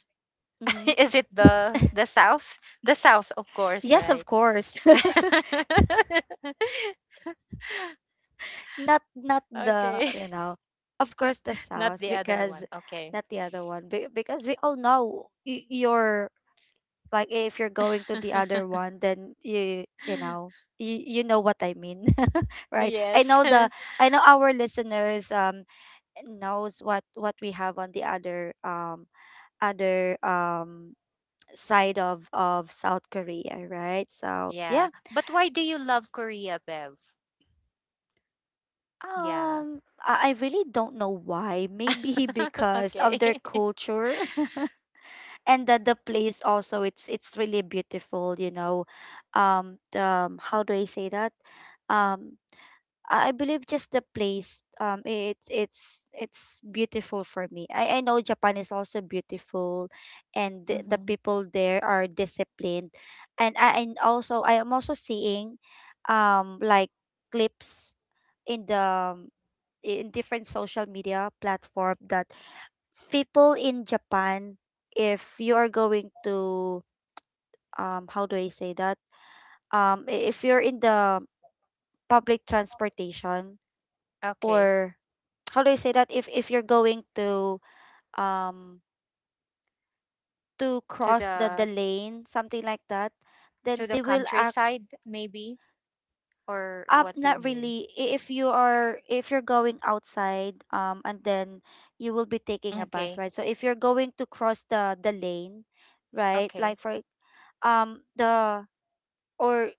[SPEAKER 1] hmm.
[SPEAKER 2] Is it the the South? The South, of course,
[SPEAKER 1] Yes,
[SPEAKER 2] right?
[SPEAKER 1] of course. Not not the
[SPEAKER 2] Okay.
[SPEAKER 1] you know of course the
[SPEAKER 2] Not
[SPEAKER 1] south.
[SPEAKER 2] the other
[SPEAKER 1] Because
[SPEAKER 2] one. Okay.
[SPEAKER 1] not the other one. Be- because we all know y- you're, like, if you're going to the other one then you you know you, you know what I mean. Right, I
[SPEAKER 2] Yes.
[SPEAKER 1] know the I know our listeners um knows what what we have on the other um other um side of of South Korea, right? So
[SPEAKER 2] Yeah.
[SPEAKER 1] yeah.
[SPEAKER 2] But why do you love Korea, Bev? Yeah.
[SPEAKER 1] Um I I really don't know why. Maybe because of
[SPEAKER 2] Okay.
[SPEAKER 1] their culture. And that the place also, it's it's really beautiful, you know. Um the um, how do I say that? Um I I believe just the place. Um, it's it's it's beautiful for me. I I know Japan is also beautiful, and the, the
[SPEAKER 2] Hmm.
[SPEAKER 1] people there are disciplined, and I and also I am also seeing, um, like clips in the in different social media platform that people in Japan, if you are going to um, how do I say that? Um, I- if you're in the public transportation
[SPEAKER 2] Okay.
[SPEAKER 1] or how do I say that, if if you're going to um to
[SPEAKER 2] To
[SPEAKER 1] cross the the
[SPEAKER 2] the
[SPEAKER 1] lane, something like that,
[SPEAKER 2] to
[SPEAKER 1] then
[SPEAKER 2] the
[SPEAKER 1] they will act.
[SPEAKER 2] countryside maybe, or
[SPEAKER 1] Um
[SPEAKER 2] what do you
[SPEAKER 1] not
[SPEAKER 2] mean?
[SPEAKER 1] really. I- if you are, if you're going outside um and then you will be taking a bus,
[SPEAKER 2] Okay.
[SPEAKER 1] right? So if you're going to cross the the lane, right, like
[SPEAKER 2] Okay.
[SPEAKER 1] for um the or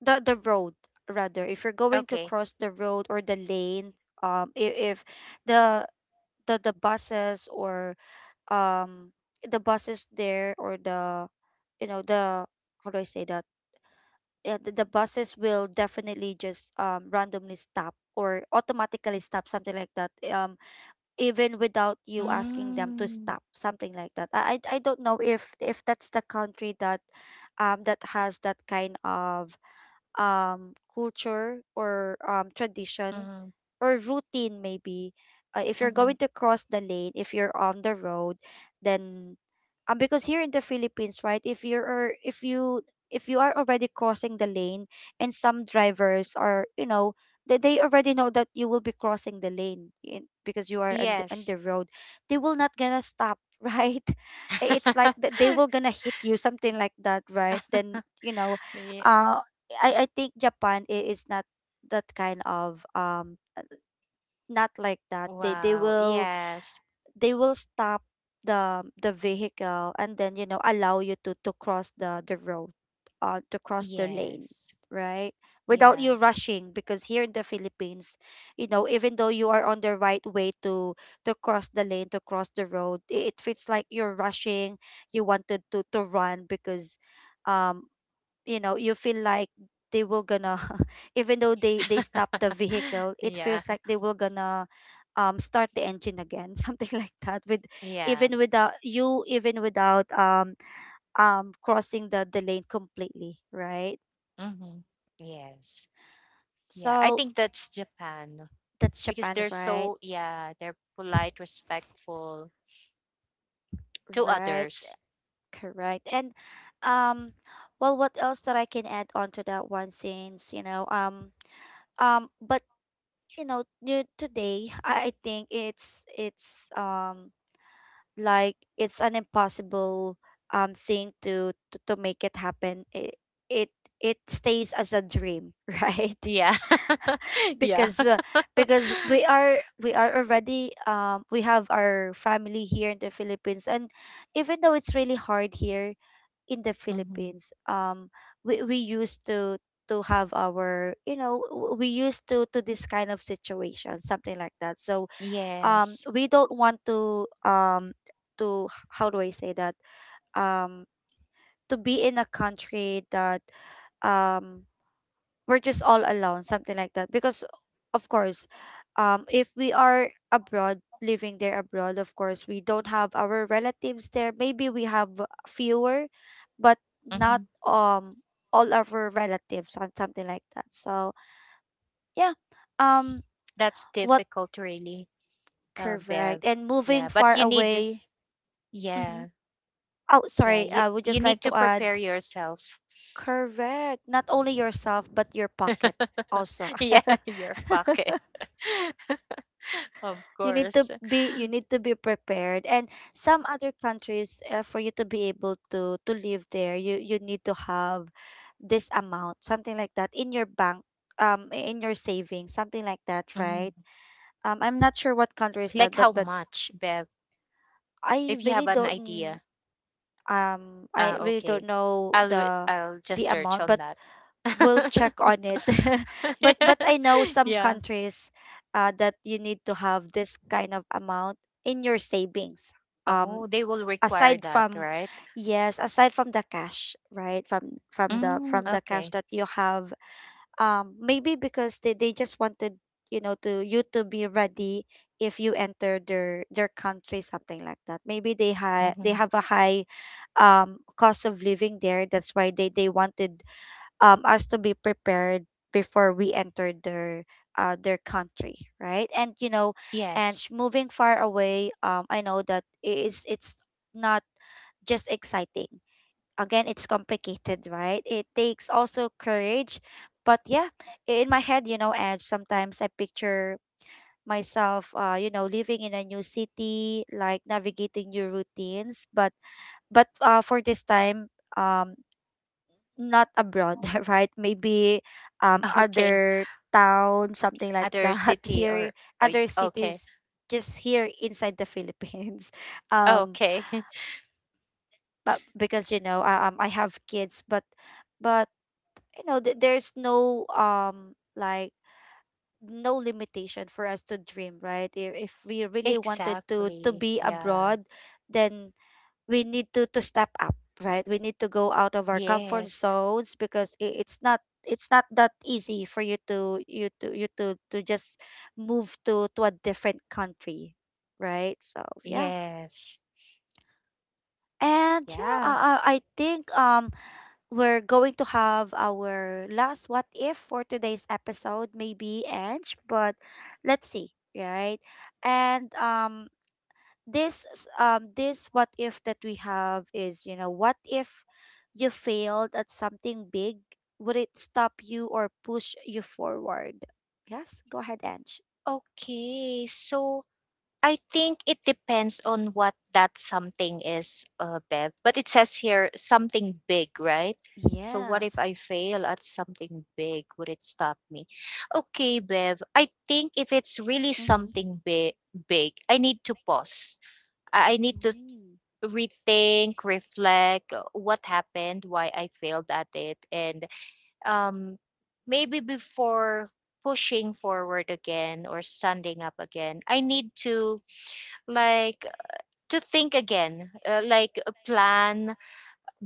[SPEAKER 1] the the road rather, if you're going to
[SPEAKER 2] Okay.
[SPEAKER 1] cross the road or the lane, um if, if the the the buses or um the buses there or the you know the how do I say that? Yeah, the, the buses will definitely just um randomly stop or automatically stop, something like that, um even without you asking them to
[SPEAKER 2] Mm.
[SPEAKER 1] stop, something like that. i i I don't know if if that's the country that um that has that kind of um, culture or um, tradition
[SPEAKER 2] Mm-hmm.
[SPEAKER 1] or routine, maybe. Uh, if you're
[SPEAKER 2] Mm-hmm.
[SPEAKER 1] going to cross the lane, if you're on the road, then um because here in the Philippines, right, if you're if you, if you are already crossing the lane, and some drivers are, you know, they, they already know that you will be crossing the lane in, because you are on the, on
[SPEAKER 2] Yes.
[SPEAKER 1] the road, they will not gonna stop. Right, I- it's like that, they will gonna hit you, something like that, right? Then you know
[SPEAKER 2] Yeah.
[SPEAKER 1] uh I I think Japan i- is not that kind of um not like that. They they
[SPEAKER 2] Wow.
[SPEAKER 1] will,
[SPEAKER 2] Yes.
[SPEAKER 1] they will stop the the vehicle and then, you know, allow you to to cross the the road, uh to cross the lane,
[SPEAKER 2] Yes.
[SPEAKER 1] right? Without
[SPEAKER 2] Yeah.
[SPEAKER 1] you rushing. Because here in the Philippines, you know, even though you are on the right way to to cross the lane, to cross the road, i- it feels like you're rushing. You wanted to to run because um you know, you feel like they will gonna even though they they stop the vehicle, it
[SPEAKER 2] Yeah.
[SPEAKER 1] feels like they will gonna um start the engine again. Something like that. With
[SPEAKER 2] Yeah.
[SPEAKER 1] even without you, even without um um crossing the the lane completely, right?
[SPEAKER 2] Mm-hmm. Yes. Yeah. I
[SPEAKER 1] So
[SPEAKER 2] think that's Japan
[SPEAKER 1] that's
[SPEAKER 2] because
[SPEAKER 1] Japan,
[SPEAKER 2] they're
[SPEAKER 1] right?
[SPEAKER 2] so, yeah, they're polite, respectful to
[SPEAKER 1] Right,
[SPEAKER 2] others.
[SPEAKER 1] correct. And um well what else that I can add on to that one, since you know um um but you know, you- today i I think it's it's um like it's an impossible um thing to to, to make it happen. it, it it stays as a dream. Right,
[SPEAKER 2] Yeah. Yeah.
[SPEAKER 1] because uh, because we are, we are already um we have our family here in the Philippines. And even though it's really hard here in the
[SPEAKER 2] Mm-hmm.
[SPEAKER 1] Philippines, um we, we used to to have our, you know, w- we used to to this kind of situation, something like that. So um
[SPEAKER 2] Yes.
[SPEAKER 1] we don't want to um to, how do I say that, um to be in a country that um we're just all alone, something like that. Because of course um if we are abroad, living there abroad, of course we don't have our relatives there. Maybe we have fewer, but not
[SPEAKER 2] Mm-hmm.
[SPEAKER 1] um all of our relatives and something like that. So yeah. um
[SPEAKER 2] That's
[SPEAKER 1] what,
[SPEAKER 2] difficult, really, uh, Bev.
[SPEAKER 1] correct, and moving
[SPEAKER 2] Yeah. But
[SPEAKER 1] far
[SPEAKER 2] you need,
[SPEAKER 1] away. Mhm.
[SPEAKER 2] yeah.
[SPEAKER 1] Oh,
[SPEAKER 2] Yeah.
[SPEAKER 1] sorry.
[SPEAKER 2] You,
[SPEAKER 1] I would
[SPEAKER 2] you
[SPEAKER 1] just like
[SPEAKER 2] need
[SPEAKER 1] to
[SPEAKER 2] to
[SPEAKER 1] add,
[SPEAKER 2] prepare yourself.
[SPEAKER 1] correct. Not only yourself, but your pocket also.
[SPEAKER 2] Yeah. Your pocket. Of
[SPEAKER 1] You need to
[SPEAKER 2] course.
[SPEAKER 1] be, you need to be prepared. And some other countries, uh, for you to be able to to live there, you you need to have this amount, something like that, in your bank, um, in your savings, something like that, right?
[SPEAKER 2] Mhm.
[SPEAKER 1] Um, I'm not sure what country is that,
[SPEAKER 2] Like
[SPEAKER 1] but
[SPEAKER 2] how
[SPEAKER 1] but
[SPEAKER 2] much, Bev?
[SPEAKER 1] I
[SPEAKER 2] If you have
[SPEAKER 1] really
[SPEAKER 2] an
[SPEAKER 1] don't. mm,
[SPEAKER 2] idea.
[SPEAKER 1] Um,
[SPEAKER 2] Ah,
[SPEAKER 1] I really
[SPEAKER 2] okay.
[SPEAKER 1] don't know
[SPEAKER 2] I'll wi-
[SPEAKER 1] the
[SPEAKER 2] I'll just
[SPEAKER 1] the
[SPEAKER 2] search
[SPEAKER 1] amount,
[SPEAKER 2] on
[SPEAKER 1] but will
[SPEAKER 2] that.
[SPEAKER 1] check on it. but but I know some
[SPEAKER 2] Yeah.
[SPEAKER 1] countries uh, that you need to have this kind of amount in your savings.
[SPEAKER 2] Oh,
[SPEAKER 1] Um,
[SPEAKER 2] they will require
[SPEAKER 1] aside
[SPEAKER 2] that,
[SPEAKER 1] from,
[SPEAKER 2] right?
[SPEAKER 1] yes, aside from the cash, right? From from the
[SPEAKER 2] Mm,
[SPEAKER 1] from the cash
[SPEAKER 2] okay.
[SPEAKER 1] that you have. Um, maybe because they, they just wanted, you know, to you to be ready if you enter their their country, something like that. Maybe they ha- they
[SPEAKER 2] Mm-hmm.
[SPEAKER 1] have a high um cost of living there. That's why they they wanted um us to be prepared before we enter their uh their country, right? And you know, and sh-
[SPEAKER 2] Yes.
[SPEAKER 1] moving far away, um I know that it is, it's not just exciting, again it's complicated, right? It takes also courage. But yeah, in my head, you know, and sometimes I picture myself, uh you know, living in a new city, like navigating new routines. but but uh for this time, um not abroad, right? Maybe um
[SPEAKER 2] Okay.
[SPEAKER 1] other town, something like
[SPEAKER 2] Other
[SPEAKER 1] that.
[SPEAKER 2] city
[SPEAKER 1] Here,
[SPEAKER 2] or uh,
[SPEAKER 1] other
[SPEAKER 2] okay.
[SPEAKER 1] cities, just here inside the Philippines. Um,
[SPEAKER 2] Okay.
[SPEAKER 1] but because you know, I, um, I have kids, but but you know, th- there's no um like no limitation for us to dream, right? If if we really wanted to to
[SPEAKER 2] Exactly.
[SPEAKER 1] be
[SPEAKER 2] Yeah.
[SPEAKER 1] abroad, then we need to to step up, right? We need to go out of our comfort
[SPEAKER 2] Yes.
[SPEAKER 1] zones, because i- it's not, it's not that easy for you to, you to, you to to just move to to a different country, right? So yeah.
[SPEAKER 2] Yes.
[SPEAKER 1] And yeah, i
[SPEAKER 2] Yeah.
[SPEAKER 1] i I think um we're going to have our last what if for today's episode, maybe, Ange. But let's see, right. And um this s- um this what if that we have is, you know, what if you failed at something big, would it stop you or push you forward? Yes, go ahead, Ange.
[SPEAKER 2] Okay. So I think it depends on what that something is, uh, Bev. But it says here something big, right? So what if
[SPEAKER 1] Yes.
[SPEAKER 2] I fail at something big? Would it stop me? Okay, Bev. I think if it's really
[SPEAKER 1] Mm-hmm.
[SPEAKER 2] something big, big, I need to pause. I I need to
[SPEAKER 1] Mm,
[SPEAKER 2] rethink, reflect uh, what happened, why I failed at it, and um, maybe before pushing forward again or standing up again, I need to like to think again, uh, like uh, plan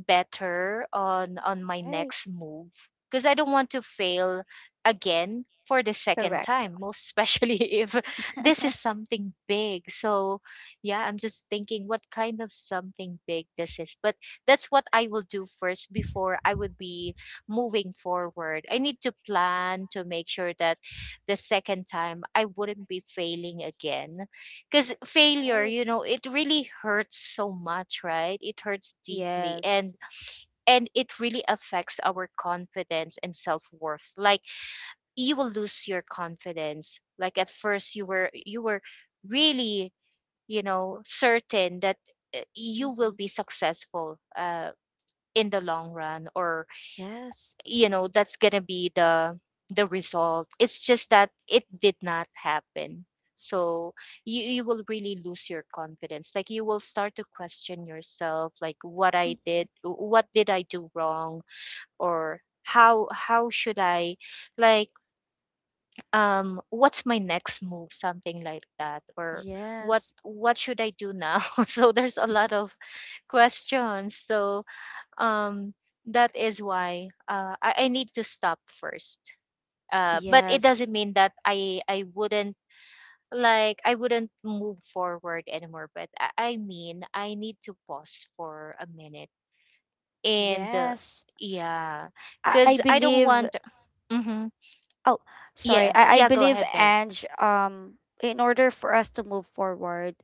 [SPEAKER 2] better on on my
[SPEAKER 1] right,
[SPEAKER 2] next move, because I don't want to fail again for the second
[SPEAKER 1] correct.
[SPEAKER 2] time, most especially if this is something big. So, yeah, I'm just thinking what kind of something big this is. But that's what I will do first before I would be moving forward. I need to plan to make sure that the second time I wouldn't be failing again, because failure,
[SPEAKER 1] Right.
[SPEAKER 2] you know, it really hurts so much, right? It hurts deeply. and
[SPEAKER 1] Yes.
[SPEAKER 2] and it really affects our confidence and self-worth. Like, you will lose your confidence. Like at first you were you were really, you know, certain that uh, you will be
[SPEAKER 1] Mm-hmm.
[SPEAKER 2] successful uh, in the long run, or
[SPEAKER 1] Yes.
[SPEAKER 2] you know that's gonna be the the result. It's just that it did not happen. So you, you will really lose your confidence. Like, you will start to question yourself like what I
[SPEAKER 1] Mm-hmm.
[SPEAKER 2] did, what did I do wrong, or how how should I like, um what's my next move, something like that, or what
[SPEAKER 1] Yes.
[SPEAKER 2] what should I do now? So there's a lot of questions. So um that is why uh, I, I need to stop first. Uh but it
[SPEAKER 1] Yes.
[SPEAKER 2] doesn't mean that i i wouldn't like I wouldn't move forward anymore, but i, I mean, I need to pause for a minute and uh,
[SPEAKER 1] Yes,
[SPEAKER 2] yeah,
[SPEAKER 1] I, I
[SPEAKER 2] because I don't
[SPEAKER 1] believe.
[SPEAKER 2] want. Hmm.
[SPEAKER 1] Oh, sorry.
[SPEAKER 2] Yeah,
[SPEAKER 1] I, I
[SPEAKER 2] yeah, go
[SPEAKER 1] believe,
[SPEAKER 2] ahead, babe.
[SPEAKER 1] Ange, um, in order for us to move forward,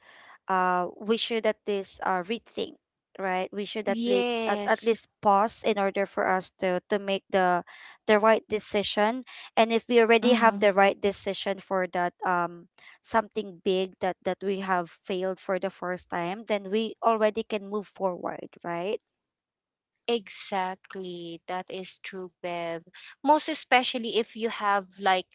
[SPEAKER 1] uh, we should at least uh, rethink, right? We should at least at, at
[SPEAKER 2] Yes.
[SPEAKER 1] least pause in order for us to to make the the right decision. And if we already have
[SPEAKER 2] Mhm.
[SPEAKER 1] the right decision for that um something big that that we have failed for the first time, then we already can move forward, right?
[SPEAKER 2] Exactly. That is true, Bev. Most especially if you have like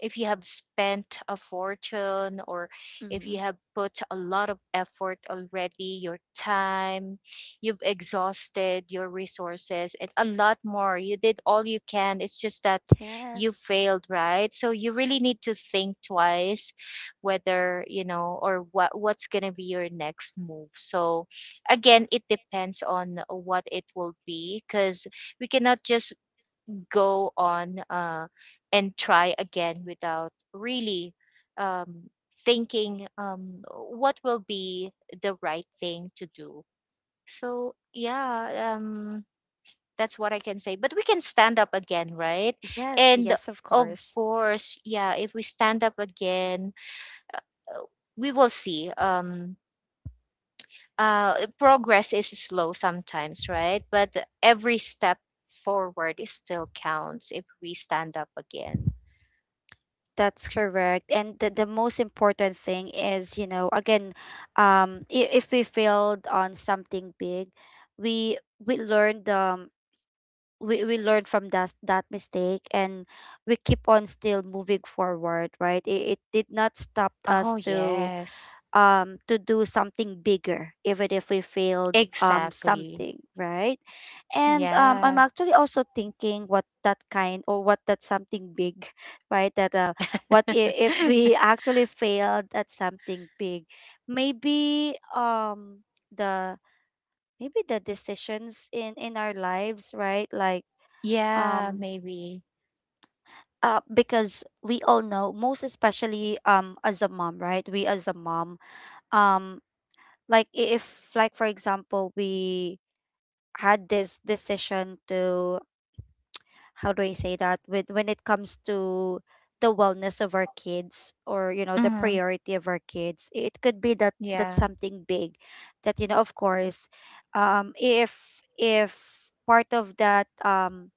[SPEAKER 2] if you have spent a fortune, or if
[SPEAKER 1] Mm-hmm.
[SPEAKER 2] you have put a lot of effort already, your time, you've exhausted your resources and a lot more. You did all you can. It's just that you
[SPEAKER 1] Yes.
[SPEAKER 2] failed, right? So you really need to think twice whether, you know, or what what's gonna be your next move. So again, it depends on what it will be, because we cannot just go on uh, and try again without really um, thinking um, what will be the right thing to do. So yeah, um, that's what I can say, but we can stand up again, right?
[SPEAKER 1] Yes,
[SPEAKER 2] And
[SPEAKER 1] yes, of
[SPEAKER 2] of
[SPEAKER 1] course.
[SPEAKER 2] course, yeah, if we stand up again, we will see um uh, progress is slow sometimes, right? But every step forward is still counts if we stand up again.
[SPEAKER 1] That's correct. And the, the most important thing is, you know, again, um, i- if we failed on something big, we we learned um we, we learned from that that mistake, and we keep on still moving forward, right? It, it did not stop
[SPEAKER 2] Oh,
[SPEAKER 1] us to
[SPEAKER 2] yes,
[SPEAKER 1] um to do something bigger, even if we failed um
[SPEAKER 2] exactly.
[SPEAKER 1] something, right? And
[SPEAKER 2] Yeah,
[SPEAKER 1] um, I'm actually also thinking what that kind or what that something big, right? That uh, what if, if we actually failed at something big, maybe um the maybe the decisions in in our lives, right? Like
[SPEAKER 2] yeah,
[SPEAKER 1] um
[SPEAKER 2] maybe.
[SPEAKER 1] uh because we all know, most especially um as a mom, right? We as a mom, um like i- if like for example we had this decision to, how do I say that with, when it comes to the wellness of our kids or, you know, the
[SPEAKER 2] Hmm.
[SPEAKER 1] priority of our kids. It could be that that's
[SPEAKER 2] Yeah,
[SPEAKER 1] something big that, you know, of course, um if if part of that um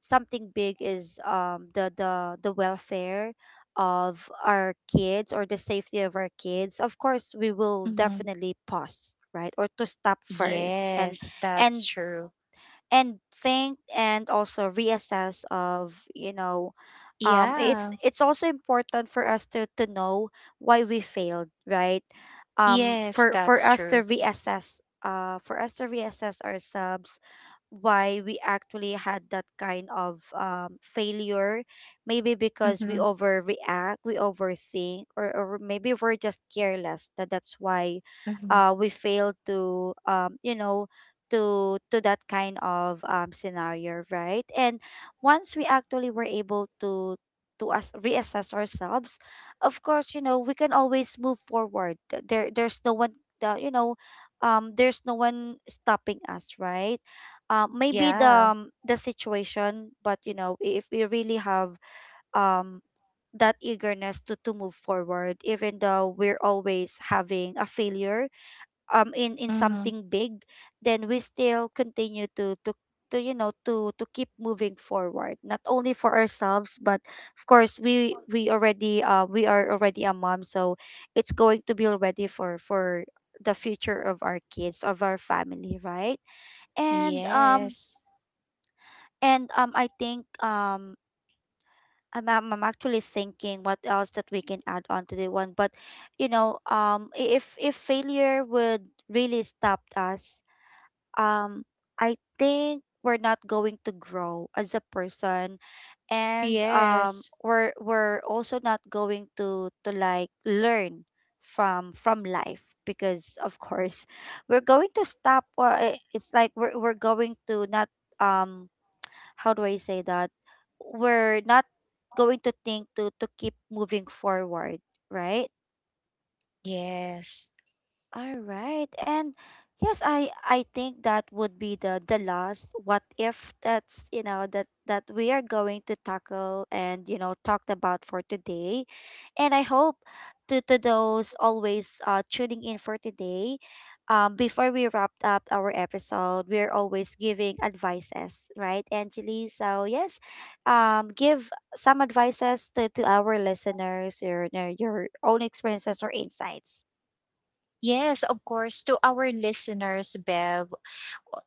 [SPEAKER 1] something big is um the the the welfare of our kids or the safety of our kids, of course we will
[SPEAKER 2] hmm,
[SPEAKER 1] definitely pause, right, or to stop first and
[SPEAKER 2] yes,
[SPEAKER 1] and
[SPEAKER 2] that's true.
[SPEAKER 1] and think and also reassess of, you know, um it's
[SPEAKER 2] Yeah,
[SPEAKER 1] it's also important for us to to know why we failed, right? um
[SPEAKER 2] yes,
[SPEAKER 1] for for
[SPEAKER 2] that's
[SPEAKER 1] us
[SPEAKER 2] true.
[SPEAKER 1] to reassess, uh for us to reassess ourselves, why we actually had that kind of um, failure. Maybe because we
[SPEAKER 2] Hmm.
[SPEAKER 1] overreact, we overthink, or, or maybe we're just careless, that that's why
[SPEAKER 2] Hmm.
[SPEAKER 1] uh, we failed to, um, you know to to that kind of um, scenario, right? And once we actually were able to to us reassess ourselves, of course, you know, we can always move forward. Th- there there's no one that, you know, um there's no one stopping us, right? Um maybe the
[SPEAKER 2] Yeah,
[SPEAKER 1] um, the situation, but you know, if we really have um that eagerness to to move forward, even though we're always having a failure um in in
[SPEAKER 2] hmm,
[SPEAKER 1] something big, then we still continue to to to you know, to to keep moving forward, not only for ourselves, but of course we we already, uh we are already a mom, so it's going to be already for for the future of our kids, of our family, right? and um
[SPEAKER 2] yes,
[SPEAKER 1] and um I think, um I'm I'm I'm actually thinking what else that we can add on to the one. But you know, um i- if if failure would really stop us, um I think we're not going to grow as a person. And um
[SPEAKER 2] yes,
[SPEAKER 1] we're we're also not going to to like learn from from life, because of course we're going to stop, or i- it's like we're we're going to not, um how do I say that, we're not going to think to to keep moving forward, right?
[SPEAKER 2] yes.
[SPEAKER 1] All right. And yes, I I think that would be the the last what if that's, you know, that that we are going to tackle and, you know, talked about for today. And I hope to to those always uh tuning in for today, um before we wrapped up our episode, we're always giving advices, right, Angeli? So yes, um give some advices to to our listeners, your your your own experiences or insights.
[SPEAKER 2] Yes, of course. To our listeners, Bev,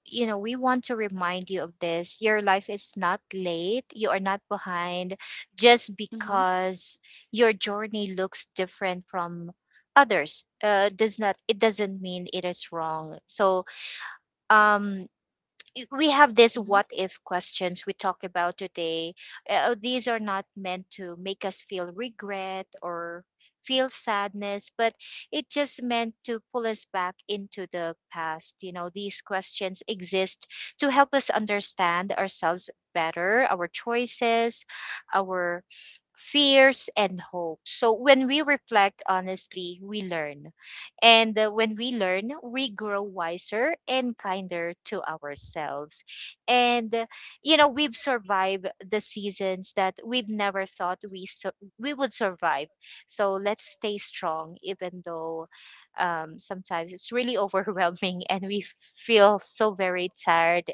[SPEAKER 2] you know, we want to remind you of this. Your life is not late. You are not behind just
[SPEAKER 1] Mhm.
[SPEAKER 2] because your journey looks different from others. Uh, does not, it doesn't mean it is wrong. So, um, we have this what if questions we talk about today. Uh, these are not meant to make us feel regret or feel sadness, but it just meant to pull us back into the past. You know, these questions exist to help us understand ourselves better, our choices, our fears and hope. So when we reflect honestly, we learn. And uh, when we learn, we grow wiser and kinder to ourselves. And uh, you know, we've survived the seasons that we've never thought we su- we would survive. So let's stay strong, even though um, sometimes it's really overwhelming and we feel so very tired.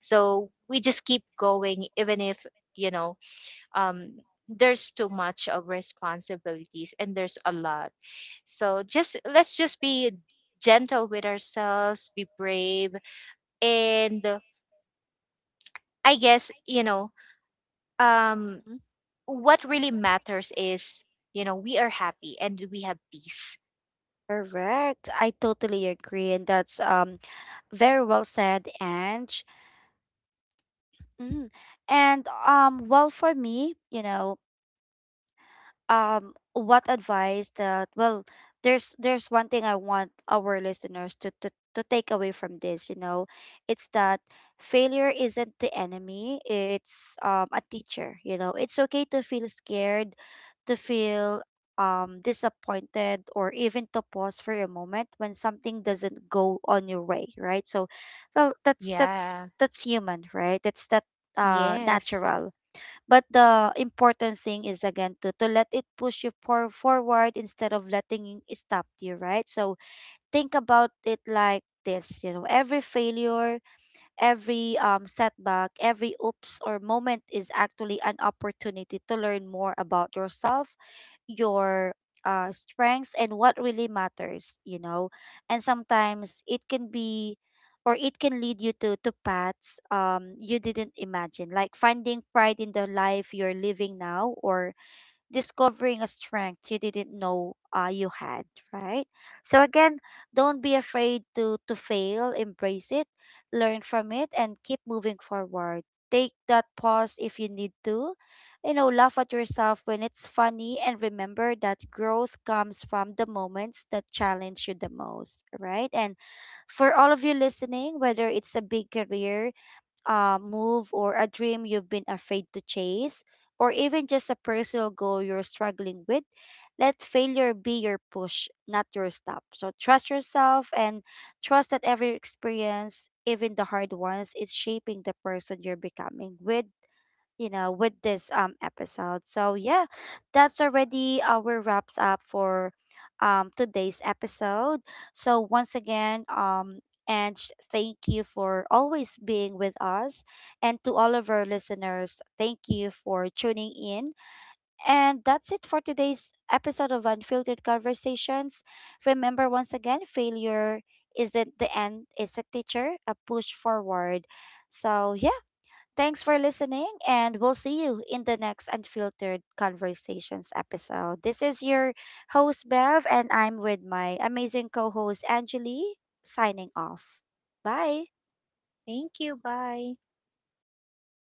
[SPEAKER 2] So we just keep going, even if, you know, um, there's too much of responsibilities and there's a lot. So just, let's just be gentle with ourselves, be brave, and uh, I guess, you know, um
[SPEAKER 1] Mm-hmm.
[SPEAKER 2] what really matters is, you know, we are happy and we have peace.
[SPEAKER 1] Correct. I totally agree, and that's um very well said, Ange. Mm. And um, well, for me, you know, um what advice that, well, there's there's one thing I want our listeners to to, to take away from this, you know. It's that failure isn't the enemy, it's um a teacher, you know. It's okay to feel scared, to feel um disappointed, or even to pause for a moment when something doesn't go on your way, right? So well, that's
[SPEAKER 2] Yeah.
[SPEAKER 1] that's that's human, right? That's that uh
[SPEAKER 2] Yes,
[SPEAKER 1] natural. But the important thing is, again, to, to let it push you for, forward instead of letting it stop you, right? So think about it like this, you know, every failure, every um, setback, every oops or moment is actually an opportunity to learn more about yourself, your uh, strengths, and what really matters, you know. And sometimes it can be, or it can lead you to, to paths um, you didn't imagine, like finding pride in the life you're living now, or discovering a strength you didn't know uh, you had, right? So again, don't be afraid to to fail. Embrace it, learn from it, and keep moving forward. Take that pause if you need to. You know, laugh at yourself when it's funny, and remember that growth comes from the moments that challenge you the most, right? And for all of you listening, whether it's a big career uh, move, or a dream you've been afraid to chase, or even just a personal goal you're struggling with, let failure be your push, not your stop. So trust yourself, and trust that every experience, even the hard ones, is shaping the person you're becoming with, you know, with this um episode. So yeah, that's already our wraps up for um today's episode. So once again, um and sh- thank you for always being with us, and to all of our listeners, thank you for tuning in. And that's it for today's episode of Unfiltered Conversations. Remember once again, failure isn't the end, it's a teacher, a push forward. So yeah, thanks for listening, and we'll see you in the next Unfiltered Conversations episode. This is your host, Bev, and I'm with my amazing co host, Angeli, signing off. Bye.
[SPEAKER 2] thank you. Bye.